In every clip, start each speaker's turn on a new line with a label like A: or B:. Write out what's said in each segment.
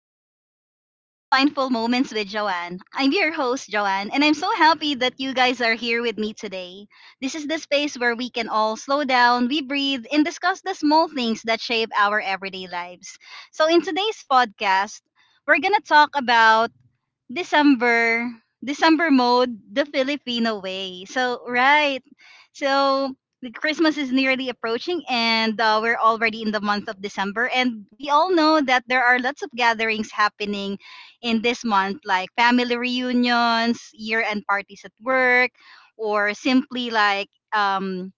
A: everyone, and welcome to Mindful Moments with Joanne. I'm your host, Joanne, and I'm so happy that you guys are here with me today. This is the space where we can all slow down, we breathe, and discuss the small things that shape our everyday lives. So, in today's podcast, we're going to talk about December, December mode, the Filipino way. So, right. So, the Christmas is nearly approaching and we're already in the month of December, and we all know that there are lots of gatherings happening in this month like family reunions, year-end parties at work, or simply like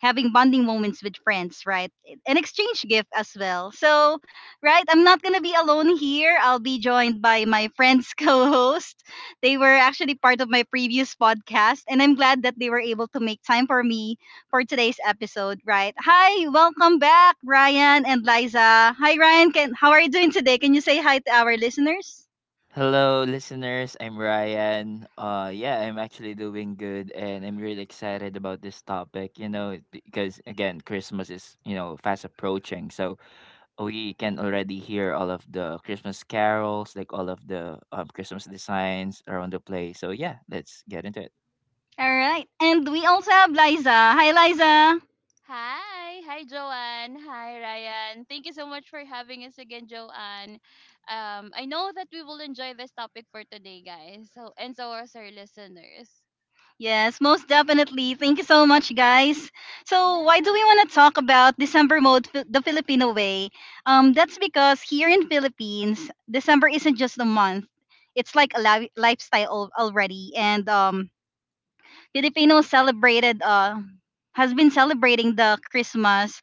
A: having bonding moments with friends, right? An exchange gift as well. So, right, I'm not gonna be alone here. I'll be joined by my friends co-host. They were actually part of my previous podcast, and I'm glad that they were able to make time for me for today's episode, right? Hi, welcome back, Ryan and Liza. Hi, Ryan. Can How are you doing today? Can you say hi to our listeners?
B: Hello, listeners. I'm Ryan. Yeah, I'm actually doing good, and I'm really excited about this topic. Because again, Christmas is fast approaching, so we can already hear all of the Christmas carols, like all of the Christmas designs around the place. So yeah, let's get into it.
A: All right, and we also have Liza. Hi, Liza.
C: Hi, Joanne, hi Ryan. Thank you so much for having us again, Joanne. I know that we will enjoy this topic for today, guys. So and so are our listeners.
A: Yes, most definitely. Thank you so much, guys. So, why do
C: Yeah,
A: we want to talk about December mode the Filipino way? That's because here in Philippines, December isn't just a month. It's like a lifestyle already, and Filipinos celebrated has been celebrating the Christmas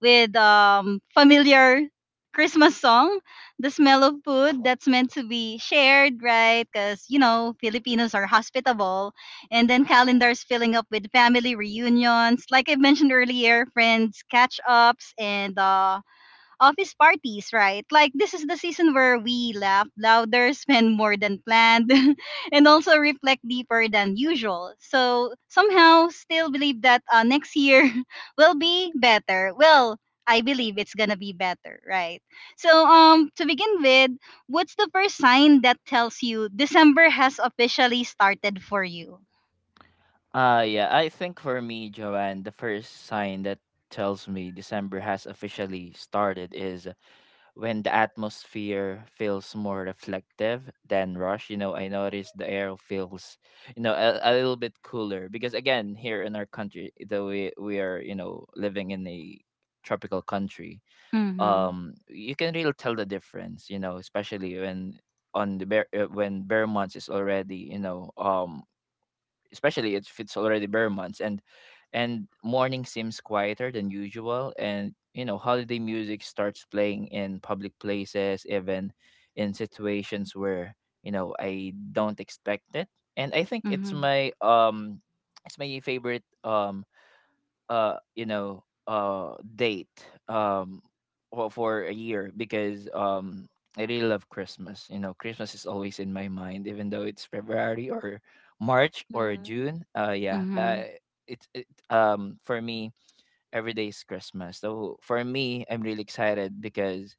A: with familiar Christmas song, the smell of food that's meant to be shared, right? Because, you know, Filipinos are hospitable. And then
C: yeah.
A: calendars filling up with family reunions. Like I mentioned earlier, friends catch ups, and office parties, right? Like this is the season where we laugh louder, spend more than planned, and also reflect deeper than usual. So somehow still believe that next year will be better. Well, I believe it's gonna be better, right? So to begin with, what's the first sign that tells you December has officially started for you?
B: Yeah, I think for me, Joanne, the first sign that tells me December has officially started is when the atmosphere feels more reflective than rush. I notice the air feels a little bit cooler because again here in our country, though we are living in a tropical country.
A: Mhm.
B: You can really tell the difference, especially when on the bear when bear months is already, especially if it's already bare months. And morning seems quieter than usual, and holiday music starts playing in public places, even in situations where I don't expect it. And I think it's
A: Mhm.
B: my it's my favorite date um for a year because I really love Christmas. You know, Christmas is always in my mind, even though it's February or March or
C: Mhm.
B: June.
A: Mhm.
B: For me, every day is Christmas. So for me, I'm really excited because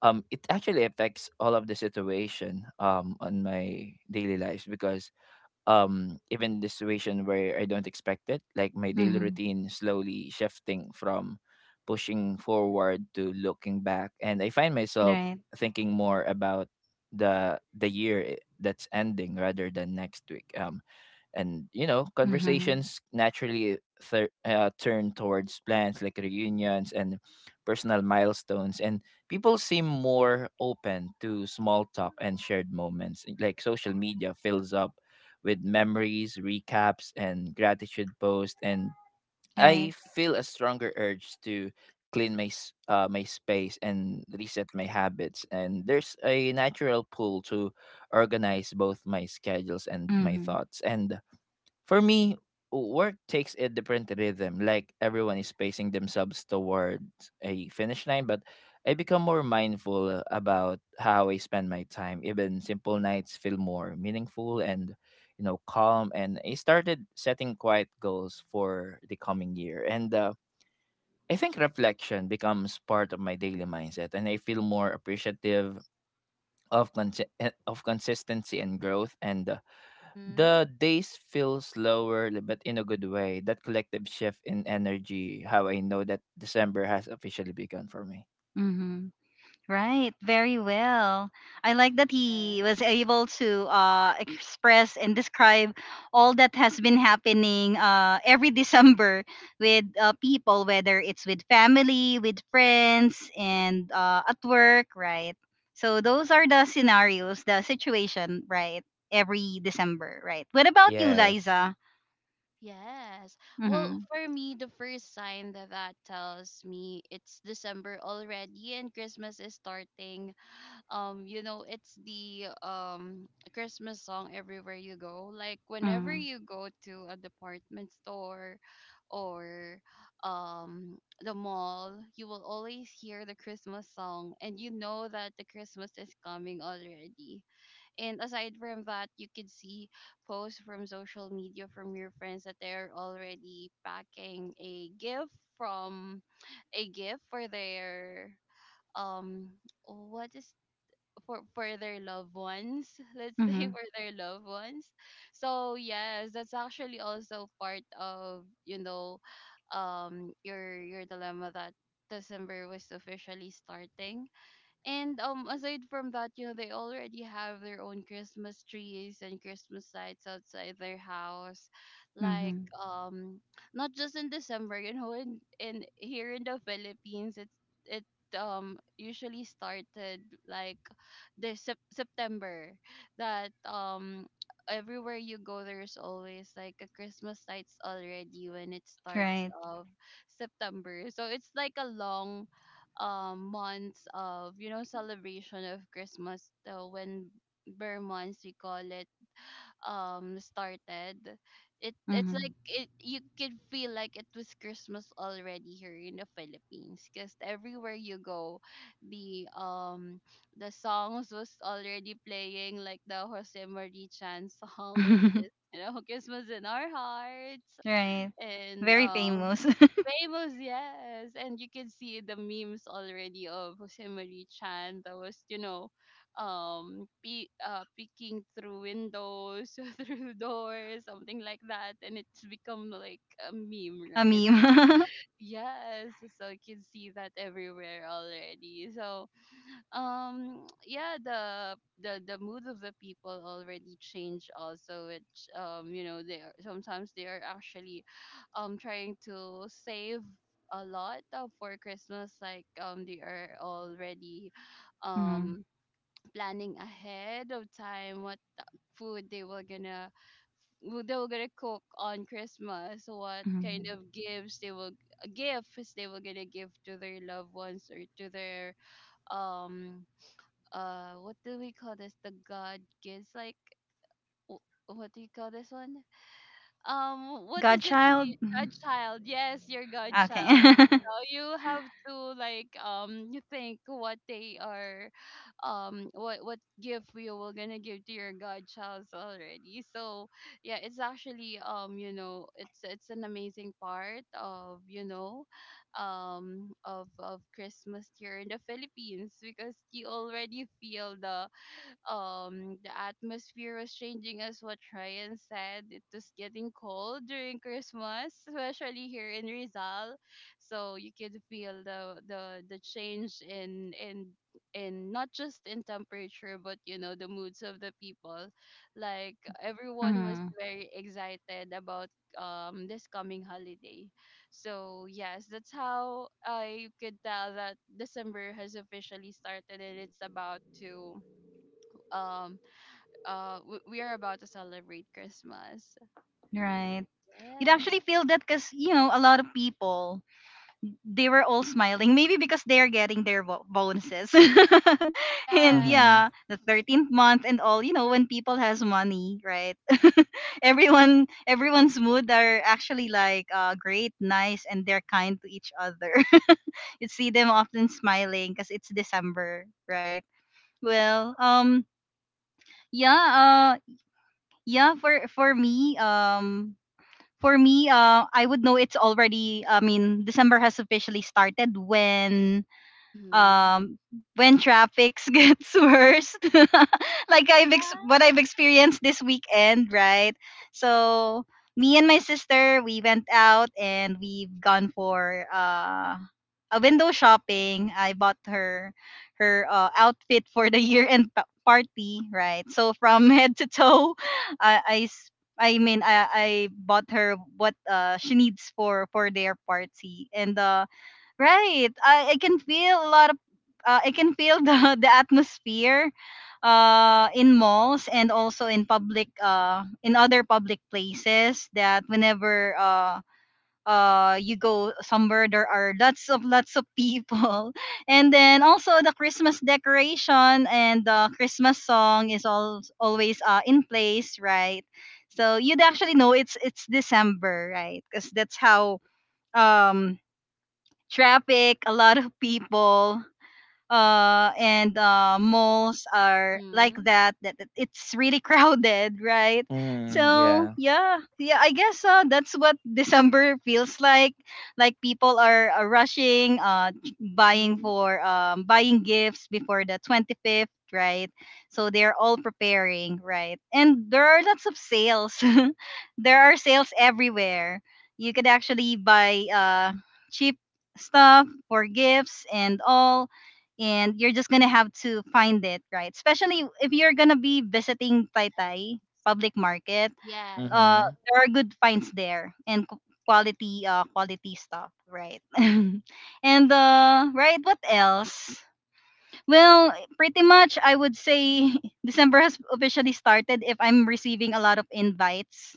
B: it actually affects all of the situation on my daily lives because even the situation where I don't expect it, like my daily
A: Mhm.
B: routine slowly shifting from pushing forward to looking back, and I find myself
A: Right.
B: thinking more about the year that's ending rather than next week. And you know
A: Mhm.
B: Conversations naturally turn towards plans like reunions and personal milestones, and people seem more open to small talk and shared moments, like social media fills up with memories, recaps, and gratitude posts, and I
A: Right.
B: feel a stronger urge to my space and reset my habits, and there's a natural pull to organize both my schedules and my
A: Mhm.
B: thoughts. And for me, work takes a different rhythm, like everyone is pacing themselves towards a finish line, but I become more mindful about how I spend my time. Even simple nights feel more meaningful and calm, and I started setting quiet goals for the coming year. And I think reflection becomes part of my daily mindset, and I feel more appreciative of cons- of consistency and growth. And
C: Mhm.
B: The days feel slower, but in a good way. That collective shift in energy, how I know that December has officially begun for me.
A: Mhm. Right, very well. I like that he was
C: Yes.
A: able to express and describe all that has been happening, every December with people, whether it's with family, with friends, and at work, right? So those are the scenarios, the situation, right? Every December, right? What about you,
B: Yes.
A: Liza?
C: Yes. Well,
A: Mm-hmm.
C: for me, the first sign that tells me it's December already and Christmas is starting, you know, it's the, Christmas song everywhere you go. Like whenever
A: Mm-hmm.
C: you go to a department store or, the mall, you will always hear the Christmas song and you know that the Christmas is coming already. And aside from that, you can see posts from social media from your friends that they're already packing a gift from for their, um what is for their loved ones let's say,
A: Mm-hmm.
C: for their loved ones. So yes, that's actually also part of, you know, your, dilemma that December was officially starting. And aside from that, you know, they already have their own Christmas trees and Christmas lights outside their house. Like,
A: Mm-hmm.
C: um, not just in December, you know, in here in the Philippines, it usually started, like, the sep- September that, everywhere you go there's always like a christmas lights already when it starts
A: Right.
C: of September. So it's like a long, months of, you know, celebration of Christmas when bear months we call it, started. It it's
A: Mm-hmm.
C: like, it you could feel like it was Christmas already here in the Philippines because everywhere you go, the um the songs was already playing, like the Jose Marie Chan song, which is, you know, Christmas in Our Hearts.
A: Right.
C: And
A: Very famous.
C: Famous, yes. And you can see the memes already of Jose Marie Chan that was, you know, pe- peeking through windows, through doors, something like that. And it's become like a meme,
A: A
C: right?
A: meme.
C: Yes. So you can see that everywhere already. So, yeah, the the mood of the people already changed also, which, you know, they are actually, trying to save a lot for Christmas. Like, they are already,
A: Mhm.
C: um planning ahead of time what the food they were gonna, who they were gonna cook on Christmas, what kind
A: Mhm.
C: of gifts they will, gifts they were gonna give to their loved ones, or to their, um what do we call this, the god gives, like, wh- what do you call this one, what is it, in
A: Godchild?
C: the godchild, yes, your
A: Okay.
C: godchild. So you have to, like, you think what they are, what gift you were gonna give to your godchilds already. So yeah, it's actually, you know, it's an amazing part of, you know, of Christmas here in the Philippines. Because you already feel the, the atmosphere was changing, as what Ryan said. It was getting cold during Christmas, especially here in Rizal. So you could feel the, the change in, in not just in temperature, but you know, the moods of the people. Like, everyone was
A: Mhm.
C: very excited about, this coming holiday. So yes, that's how I could tell that December has officially started and it's about to, um we, are about to celebrate Christmas.
A: Right. You'd
C: Yes.
A: actually feel that because, you know, a lot of people, they were all smiling. Maybe because they're getting their bonuses. And
C: Yes.
B: Mm-hmm.
A: yeah, the 13th month and all, you know, when people has money, right? Everyone, everyone's mood are actually like great, nice, and they're kind to each other. You see them often smiling because it's December, right? Well, yeah, yeah, for me, for me, I would know it's already I mean, December has officially started
C: Mhm.
A: um when traffics gets worse. Like what I've
C: Yeah.
A: experienced this weekend, right? So me and my sister, we went out and we've gone for window shopping. I bought her her outfit for the year end party, right? So from head to toe, I I s- I mean I bought her what she needs for their party. And right, I can feel a lot of I can feel the the atmosphere in malls, and also in public in other public places, that whenever you go somewhere there are lots of people. And then also the Christmas decoration and the Christmas song is all, always, in place, right? So you'd actually know it's December, right? Because that's how um traffic, a lot of people and malls are like
C: Mhm.
A: that, that that it's really crowded, right?
B: Mm,
A: So
B: yeah.
A: yeah, yeah, I guess that's what December feels like. Like people are, rushing buying
C: Mhm.
A: for buying gifts before the 25th, right? So they're all preparing, right? And there are lots of sales. There are sales everywhere. You could actually buy cheap stuff for gifts and all, and you're just gonna have to find it, right? Especially if you're gonna be visiting Taytay public market.
C: Yeah,
A: uh
C: yeah.
B: Mm-hmm.
A: there are good finds there and quality quality stuff, right? And right, what else? Well, pretty much I would say December has officially started if I'm receiving a lot of invites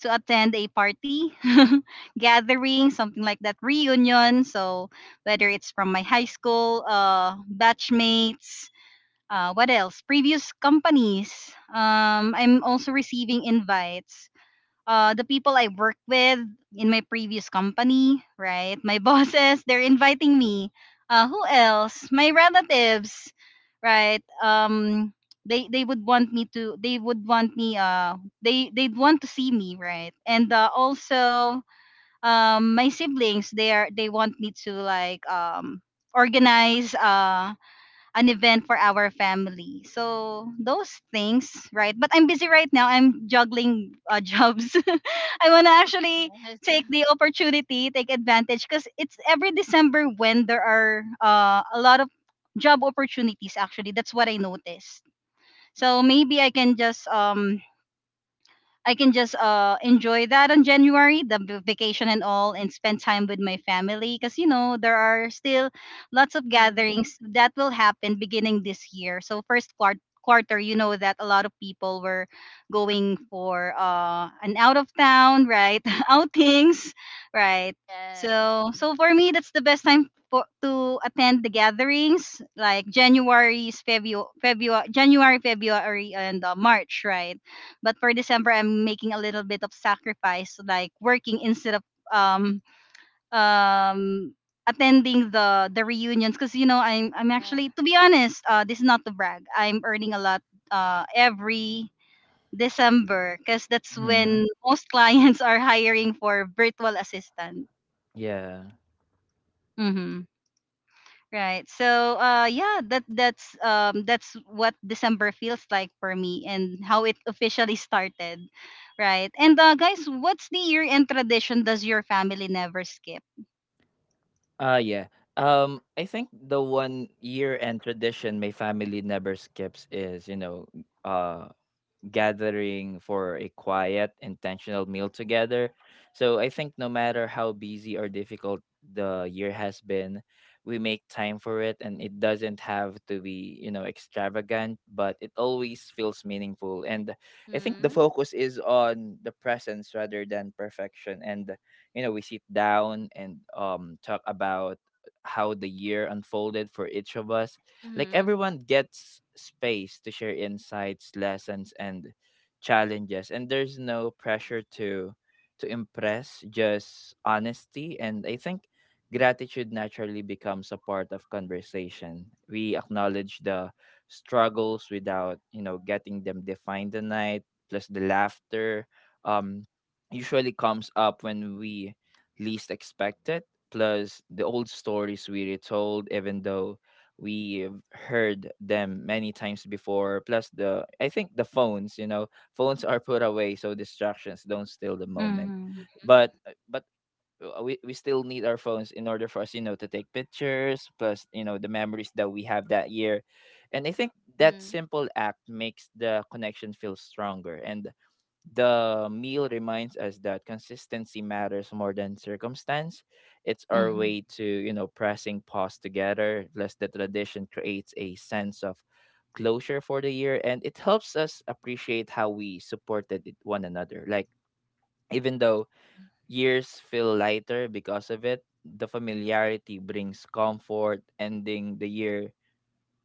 A: to attend a party, gathering, something like that, reunion. So whether it's from my high school, batchmates, what else? Previous companies. I'm also receiving invites, the people I work with in my previous company, right? My bosses, they're inviting me. Who else? My relatives, right? They would want me to. They would want me. They'd want to see me, right? And also, my siblings, they want me to like organize. An event for our family. So those things, right? But I'm busy right now. I'm juggling jobs. I want to actually
C: Yes.
A: take the opportunity, take advantage, because it's every December when there are a lot of job opportunities. Actually, that's what I noticed. So maybe I can just enjoy that on January, the vacation and all, and spend time with my family. Because you know there are still lots of
C: Mhm.
A: gatherings that will happen beginning this year. So first quarter, you know that a lot of people were going for an out of town, right? Outings, right.
C: Yes.
A: So
C: Yes.
A: so for me that's the best time for, to attend the gatherings like January's February, February January, February, and March, right? But for December, I'm making a little bit of sacrifice, like working instead of um um attending the reunions, because you know I'm
C: Uh,
A: actually to be honest, this is not to brag. I'm earning a lot every December because that's
B: Mm-hmm.
A: when most clients are hiring for virtual assistant.
B: Yeah.
A: Mm-hmm. Right. So yeah, that's that's what December feels like for me and how it officially started. Right. And guys, what's the year end tradition does your family never skip?
B: Ah, yeah. I think the one year-end tradition my family never skips is, you know, uh, gathering for a quiet, intentional meal together. So I think no matter how busy or difficult the year has been, we make time for it, and it doesn't have to be, you know, extravagant, but it always feels meaningful. And I think the
C: mhm.
B: focus is on the presence rather than perfection. And, you know, we sit down and talk about how the year unfolded for each of us, like
C: Mhm.
B: everyone gets space to share insights, lessons, and challenges, and there's no pressure to impress, just honesty. And I think gratitude naturally becomes a part of conversation. We acknowledge the struggles without, you know, getting them defined tonight, plus the laughter. Um Usually comes up when we least expect it, plus the old stories we retold even though we've heard them many times before. Plus the, I think, the phones, you know, phones are put away so distractions don't steal the moment.
A: Mhm.
B: But but we still need our phones in order for us, you know, to take pictures, plus you know the memories that we have that year. And I think that
C: Mhm.
B: simple act makes the connection feel stronger, and the meal reminds us that consistency matters more than circumstance. It's our
A: Mhm.
B: way to, you know, pressing pause together, plus the tradition creates a sense of closure for the year, and it helps us appreciate how we supported one another. Like, even though years feel lighter because of it, the familiarity brings comfort. Ending the year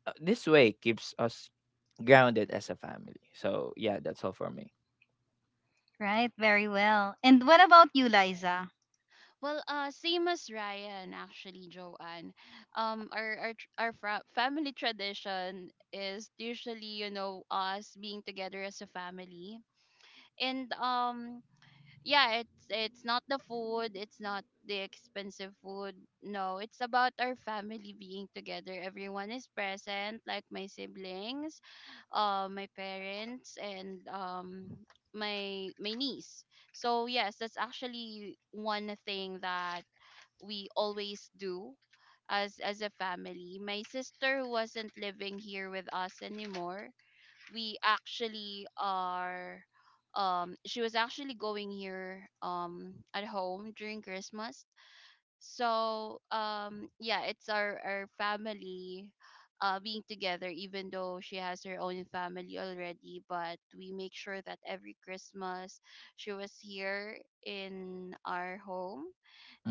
B: this way keeps us grounded as a family. So yeah, that's all for me.
A: Right, very well. And what about you, Liza?
C: Well, same as Ryan, actually, Joanne. Our, our family tradition is usually, you know, us being together as a family. And yeah, it's not the food, it's not the expensive food. No, it's about our family being together, everyone is present, like my siblings, my parents, and my, niece. So yes, that's actually one thing that we always do as a family. My sister wasn't living here with us anymore. We actually are, she was actually going here, at home during Christmas. So, yeah, it's our, family, being together, even though she has her own family already, but we make sure that every Christmas she was here in our home.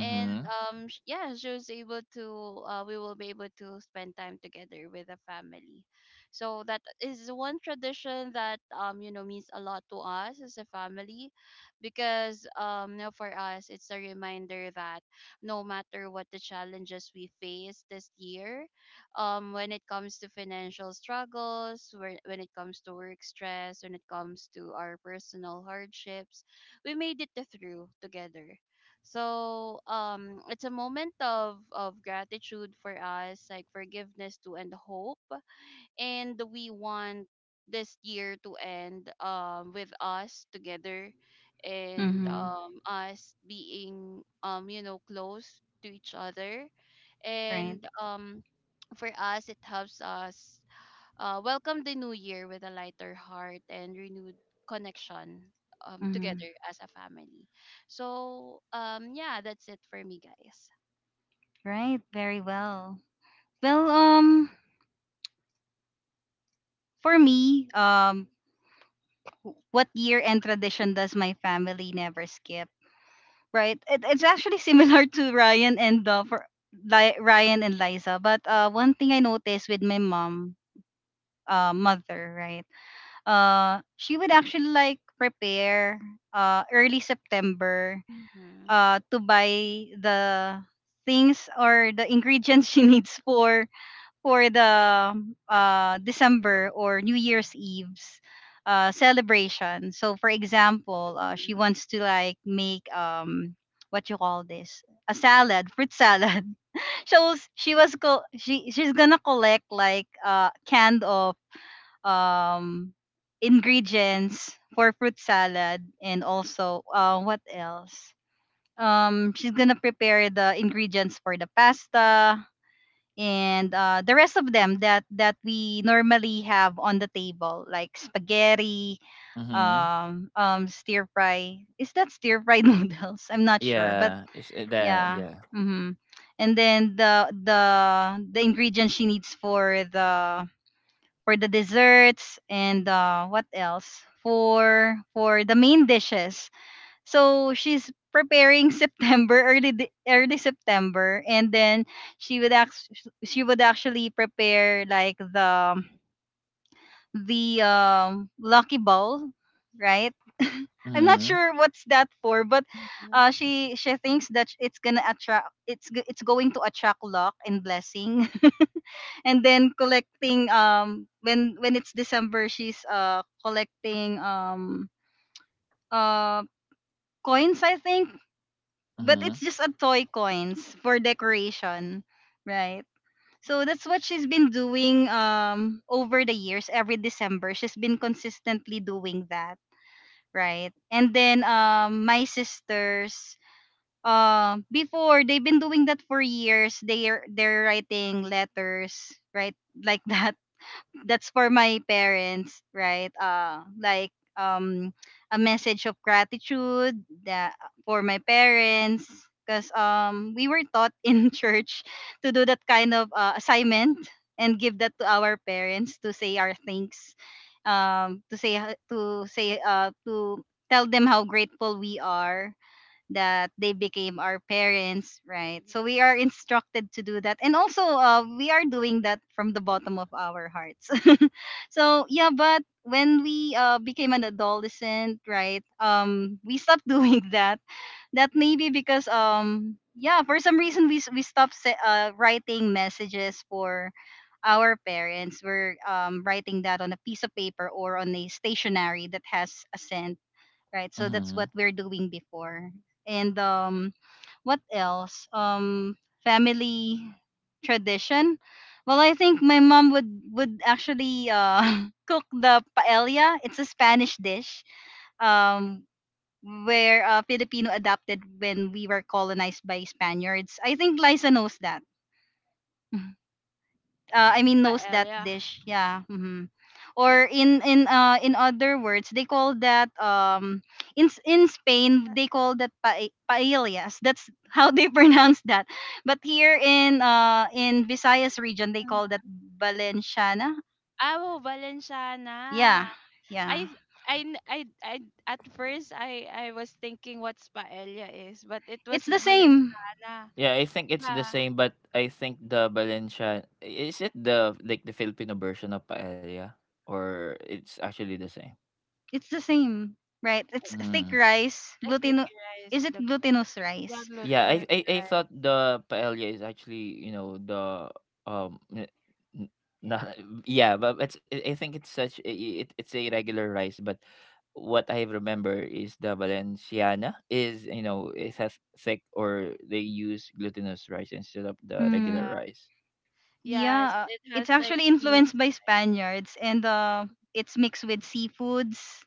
C: And yeah, she was able to we will be able to spend time together with the family. So that is one tradition that, you know, means a lot to us as a family, because, you know, for us it's a reminder that no matter what the challenges we face this year, when it comes to financial struggles, when it comes to work stress, when it comes to our personal hardships, we made it through together. So it's a moment of gratitude for us, like forgiveness to end hope, and we want this year to end, with us together, and
A: Mhm.
C: us being, you know, close to each other,
A: Right.
C: and for us it helps us welcome the new year with a lighter heart and renewed connection, together
A: Mhm.
C: as a family. So, yeah, that's it for me, guys.
A: Right, very well. Well, for me, what year end tradition does my family never skip? Right. It, it's actually similar to Ryan and for Ryan and Liza. But one thing I noticed with my mom, mother, right? She would actually like prepare early September
C: Mm-hmm.
A: to buy the things or the ingredients she needs for the December or New Year's Eve's celebration. So, for example, she wants to like make what you call this, a salad, fruit salad. She she's gonna collect like a can of um ingredients for fruit salad, and also what else, she's gonna prepare the ingredients for the pasta, and the rest of them that that we normally have on the table, like spaghetti,
B: Mm-hmm.
A: stir fry, is that stir fried noodles, I'm not sure. But
B: Yeah. It's that.
A: yeah.
B: Yeah.
A: Mm-hmm. And then the ingredients she needs for the desserts, and what else, for the main dishes. So she's preparing September early early September. And then she would act she would actually prepare like the lucky ball, right? I'm not
B: Mm-hmm.
A: sure what's that for, but
C: Mm-hmm.
A: she thinks that it's gonna attract it's going to attract luck and blessing. And then collecting when it's December she's collecting uh coins I think, but
B: Mm-hmm.
A: it's just a toy coins for decoration, right? So that's what she's been doing over the years every December. She's been consistently doing that, right? And then my sisters before, they've been doing that for years. They're writing letters, right? Like that that's for my parents, right? Like um, a message of gratitude that for my parents, because we were taught in church to do that kind of assignment and give that to our parents to say our thanks, to say h- to say to tell them how grateful we are that they became our parents, right? So we are instructed to do that. And also, we are doing that from the bottom of our hearts. So, yeah, but when we became an adolescent, right, we stopped doing that. That maybe because, yeah, for some reason, we stopped writing messages for our parents. We're writing that on a piece of paper or on a stationery that has a scent, right? So
B: Mm-hmm.
A: that's what we're doing before. And what else? Family tradition. Well, I think my mom would actually cook the paella. It's a Spanish dish um, where Filipino adapted when we were colonized by Spaniards. I think Liza knows that. I mean knows that
C: Paella.
A: dish. Yeah.
C: Y-
A: Or in other words, they call that in Spain they call that paellas. That's how they pronounce that. But here in Visayas region they call that valenciana.
C: Ah, oh,
A: Yeah.
C: Valenciana. I
A: Yeah.
C: I, at first, I was thinking what's paella is, but it
A: It's
C: was
A: the same.
C: Valenciana.
B: Yeah, I think it's the
C: Yeah,
B: same, but I think the Valencia is it, the like the Filipino version of paella, or it's actually the same.
A: It's the same. Right. It's thick
B: Mm-hmm.
A: rice,
C: the thick
A: gluten is
C: rice,
A: it
C: the glut-
A: glutinous
C: yeah,
A: rice?
B: Yeah,
C: glutinous
B: I
C: rice.
B: thought the paella is actually, you know, um n- n- not yeah, but it's, I think it's such a- I- it, it's a regular rice, but what I remember is the Valenciana is, you know, it has thick, or they use glutinous rice instead of
C: But
B: the
C: yeah.
A: Hmm.
B: regular rice.
A: Yeah,
C: Yes, it
A: it's
C: has like
A: actually
C: beans.
A: influenced by Spaniards, and it's mixed with seafoods.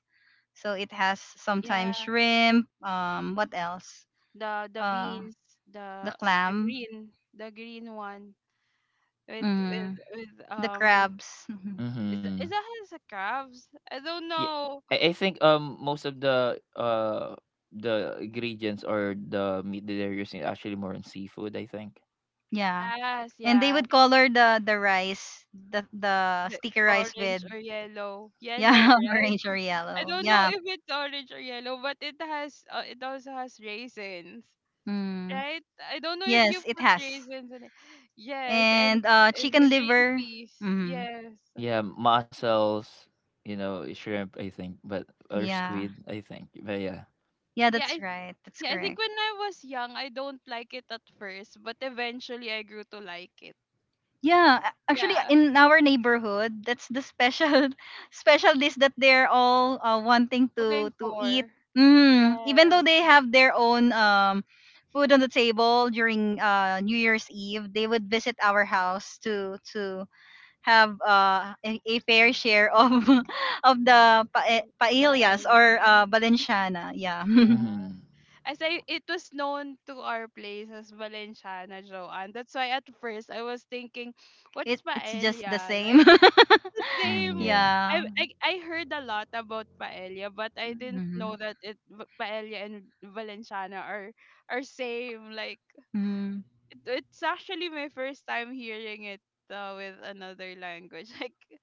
A: So it has
C: Yeah,
A: sometimes shrimp, what else?
C: the
A: Uh
C: beans,
A: the
C: the the
A: clam,
C: green, the green one with
A: mm, the
C: um,
A: crabs. Mhm.
C: is
B: Mm-hmm.
C: that has a crabs? I don't
B: Yeah,
C: know.
B: I think most of the ingredients or the meat that they're using is actually more on seafood, I think.
A: Yeah.
C: Yes,
A: And they
C: yeah.
A: would color the rice, the
C: The
A: sticky rice with,
C: orange or yellow.
A: yeah,
C: Yellow, right?
A: orange or
C: I
A: yellow.
C: don't know
A: Yeah.
C: if it's orange or yellow, but it has it also has raisins,
A: Mm.
C: right? I don't know if you
A: Yes, it
C: put
A: has.
C: raisins in it. Yes, and
A: And
C: and the
A: chicken
C: green
A: liver.
C: peas.
A: Mm.
C: Yes.
B: Yeah, mussels, you know, shrimp, I think, but or
A: Yeah.
B: squid, I think. But yeah.
A: Yeah,
C: Yeah,
A: that's
C: I
A: right. That's
C: Yeah, I think
A: correct.
C: when I was young, I don't like it at first, but eventually I grew to like it.
A: Yeah, actually,
C: Yeah,
A: in our neighborhood, that's the special special dish that they're all wanting to
C: looking
A: to eat.
C: for.
A: Even though
C: Yes.
A: they have their own food on the table during New Year's Eve, they would visit our house to have a fair share of of the
C: So,
A: paellas
C: paella.
A: or valenciana. Yeah,
C: Yeah.
B: Mhm.
C: As I, it was known to our place as Valenciana, Joanne. That's why at first I was thinking, what's
A: it's just the
C: paella?
A: same.
C: Like, it's the
B: Mm,
C: same.
B: yeah.
A: Yeah.
C: I heard a lot about paella, but I didn't know that paella and Valenciana are, same. Like,
A: Mhm.
C: it- it's actually my first time hearing it with another language. Like,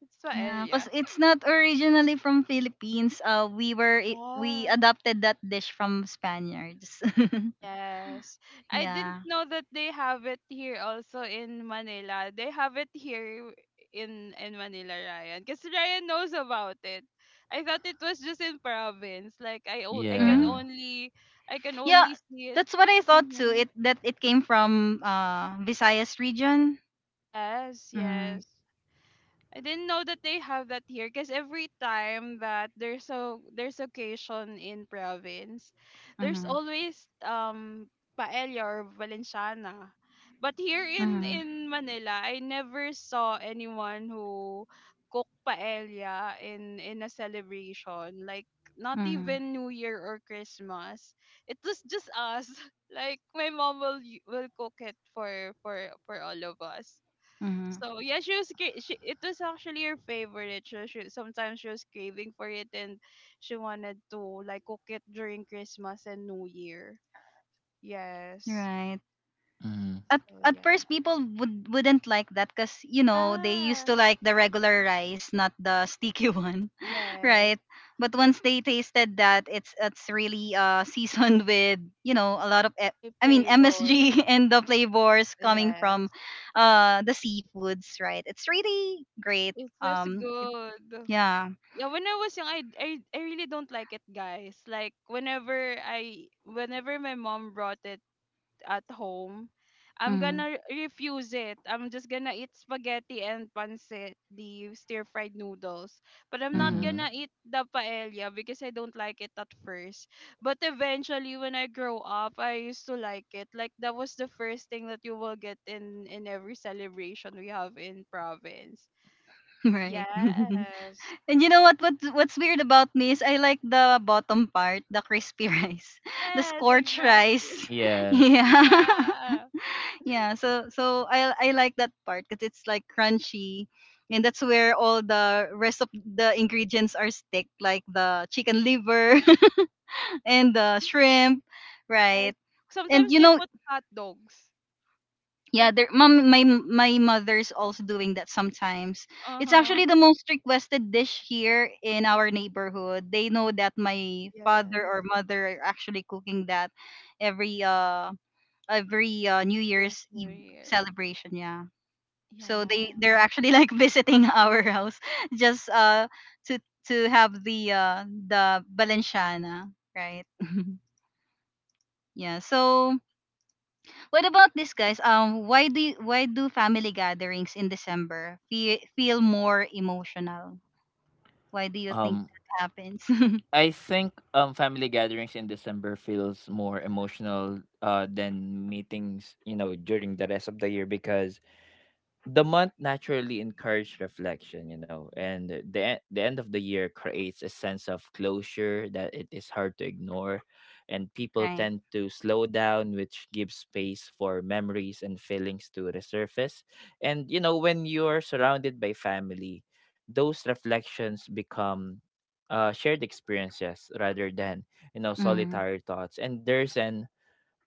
C: it's
A: Yeah,
C: Swahili. Yeah.
A: because it's not originally from Philippines. We
C: Yeah.
A: adopted that dish from Spaniards.
C: Yes. I didn't
A: Yeah.
C: know that they have it here also in Manila. They have it here in, Manila, Ryan. Because Ryan knows about it. I thought it was just in province. Like
A: Mm?
B: Yeah.
C: I can
A: Yeah,
C: only see it.
A: that's what I thought too.
C: Mhm.
A: It that it came from Visayas region.
C: Yes,
A: Mm.
C: yes. I didn't know that they have that here, because every time that there's occasion in province, there's
A: Mm-hmm.
C: always, paella or valenciana. But here in,
A: Mm-hmm.
C: Manila, I never saw anyone who cook paella in, a celebration, like not
A: Mm-hmm.
C: even New Year or Christmas. It was just us. Like my mom will will cook it for all of us.
A: Mm-hmm.
C: So yeah, she, it was actually her favorite. She sometimes she was craving for it, and she wanted to like cook it during Christmas and New Year. Yes.
A: Right.
B: Mhm.
A: At
C: So
A: at
C: yeah.
A: first, people wouldn't like that because they used
C: Yeah.
A: to like the regular rice, not the sticky one.
C: Yes.
A: Right? But once they tasted that, it's really seasoned with a lot of
C: Play
A: I mean MSG
C: flavors.
A: and the flavors coming from
C: Yes.
A: the seafoods, right? It's really great.
C: It's just
A: Um, it,
C: good.
A: yeah.
C: Yeah, when I was young, I really don't like it, guys. Like whenever my mom brought it at home, I'm
A: Mm,
C: gonna refuse it. I'm just gonna eat spaghetti and pancit, the stir fried noodles. But I'm not
A: mm,
B: Mhm.
C: gonna eat the paella because I don't like it at first. But eventually, when I grow up, I used to like it. Like that was the first thing that you will get in, every celebration we have in province.
A: right.
C: Yes.
A: And you know what? What's weird about me is I like the bottom part, the crispy rice, the
C: Yes,
A: scorched rice.
C: exactly.
B: Yes.
A: Yeah.
C: Yeah.
A: Yeah, so I like that part because it's like crunchy, and that's where all the rest of the ingredients are stick, like the chicken liver and the shrimp,
C: Yes.
A: right? And
C: Sometimes they put hot dogs.
A: yeah,
C: Like,
A: there mom, my mother's also doing that sometimes.
C: uh
A: It's
C: huh.
A: actually the most requested dish here in our neighborhood. They know that my father
C: Yes.
A: or mother are actually cooking that every uh every New
C: Because
A: Year's
C: New
A: Eve
C: Year.
A: celebration. Yeah. So they
C: Yeah.
A: they're actually like visiting our house just to to have the Balenciana, right? Yeah. So, what about this, guys? Why do family gatherings in December feel more emotional? Why do you think
B: Um
A: that happens?
B: I think family gatherings in December feels more emotional than meetings, you know, during the rest of the year because the month naturally encouraged reflection, you know, and the end of the year creates a sense of closure that it is hard to ignore, and people
A: Right.
B: tend to slow down, which gives space for memories and feelings to resurface. And you know, when you're surrounded by family, those reflections become shared experiences rather than you know
A: Mm.
B: solitary thoughts, and there's an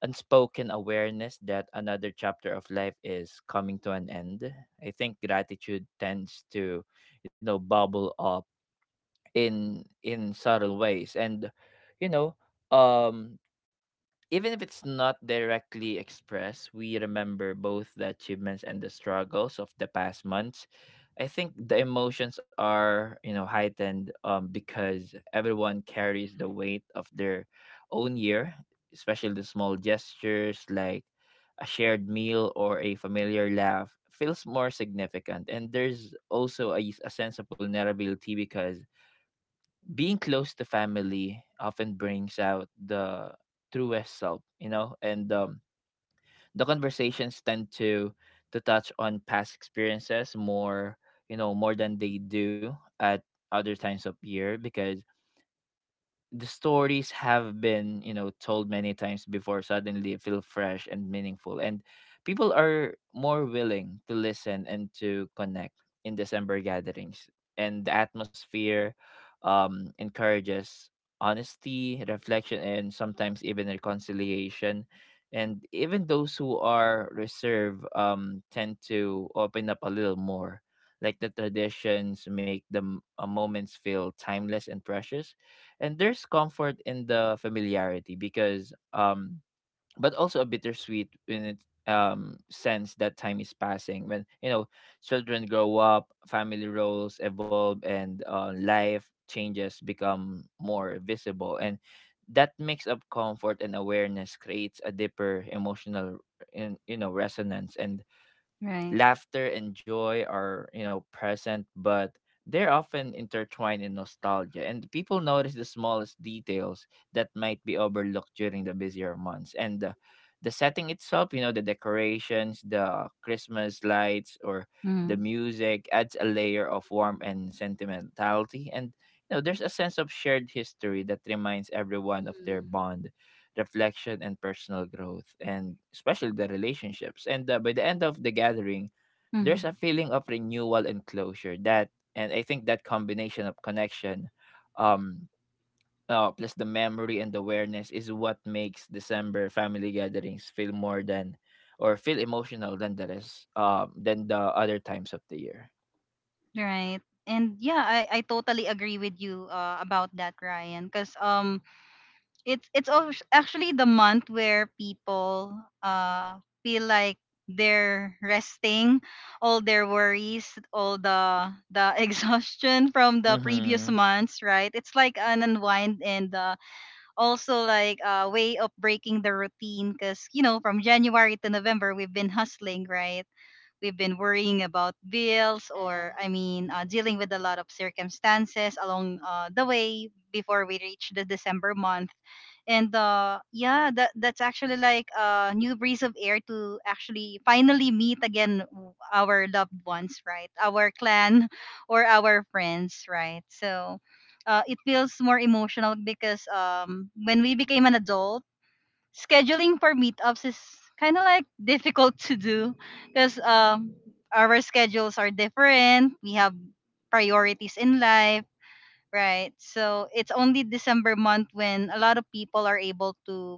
B: unspoken awareness that another chapter of life is coming to an end. I think gratitude tends to, you know, bubble up in subtle ways, and you know um even if it's not directly expressed, we remember both the achievements and the struggles of the past months. I think the emotions are, you know, heightened, because everyone carries the weight of their own year, especially the small gestures like a shared meal or a familiar laugh feels more significant. And there's also a sense of vulnerability because being close to family often brings out the truest self, you know. And the conversations tend to touch on past experiences more, you know, more than they do at other times of year, because the stories have been, you know, told many times before suddenly feel fresh and meaningful, and people are more willing to listen and to connect in December gatherings. And the atmosphere encourages honesty, reflection, and sometimes even reconciliation, and even those who are reserved tend to open up a little more. Like, the traditions make the moments feel timeless and precious, and there's comfort in the familiarity because but also a bittersweet in it sense that time is passing when, you know, children grow up, family roles evolve, and life changes become more visible. And that mix of comfort and awareness creates a deeper emotional, in you know, resonance. And
A: Right.
B: laughter and joy are, you know, present, but they're often intertwined in nostalgia, and people notice the smallest details that might be overlooked during the busier months. And the setting itself, you know, the decorations, the Christmas lights, or the
A: Mm.
B: music adds a layer of warmth and sentimentality. And, you know, there's a sense of shared history that reminds everyone of their
C: Mm-hmm.
B: bond, reflection and personal growth, and especially the relationships. And by the end of the gathering there's
A: Mm.
B: a feeling of renewal and closure that, and I think that combination of connection, um oh, plus the memory and awareness is what makes December family gatherings feel more than, or feel emotional than the rest, than the other times of the year.
A: Right. And yeah, I totally agree with you about that, Ryan. Because it's actually the month where people uh feel like they're resting all their worries, all the exhaustion from the
B: Mm-hmm.
A: previous months, right? It's like an unwind, and also like a way of breaking the routine because from January to November we've been hustling, right? We've been worrying about bills, or I
C: Yes.
A: mean dealing with a lot of circumstances along the way before we reach the December month. And yeah, that's actually like a new breeze of air to actually finally meet again our loved ones, right? Our clan or our friends, right? So it feels more emotional because when we became an adult, scheduling for meetups is kind of like difficult to do because our schedules are different. We have priorities in life. Right. So it's only December month when a lot of people are able to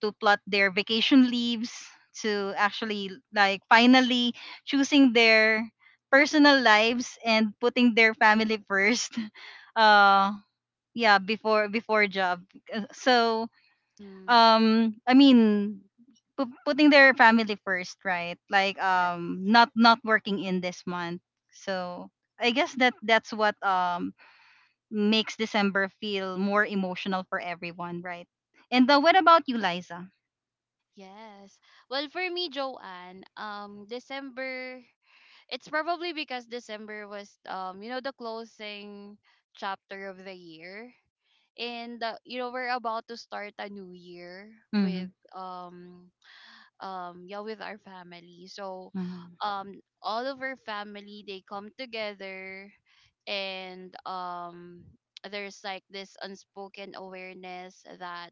A: to plot their vacation leaves to actually like finally choosing their personal lives and putting their family first. Uh yeah, before job. So
C: Mm-hmm.
A: I mean putting their family first, right? Like,
C: Yes.
A: not working in this month. So I guess that's what makes December feel more emotional for everyone, right? And what about you, Liza?
C: Yes. Well, for me, Joanne, December, it's probably because December was, you know, the closing chapter of the year. And we're about to start a new year
A: Mm-hmm.
C: with, um, yeah with our family. so
A: Mm-hmm.
C: um all of our family, they come together. And there's like this unspoken awareness that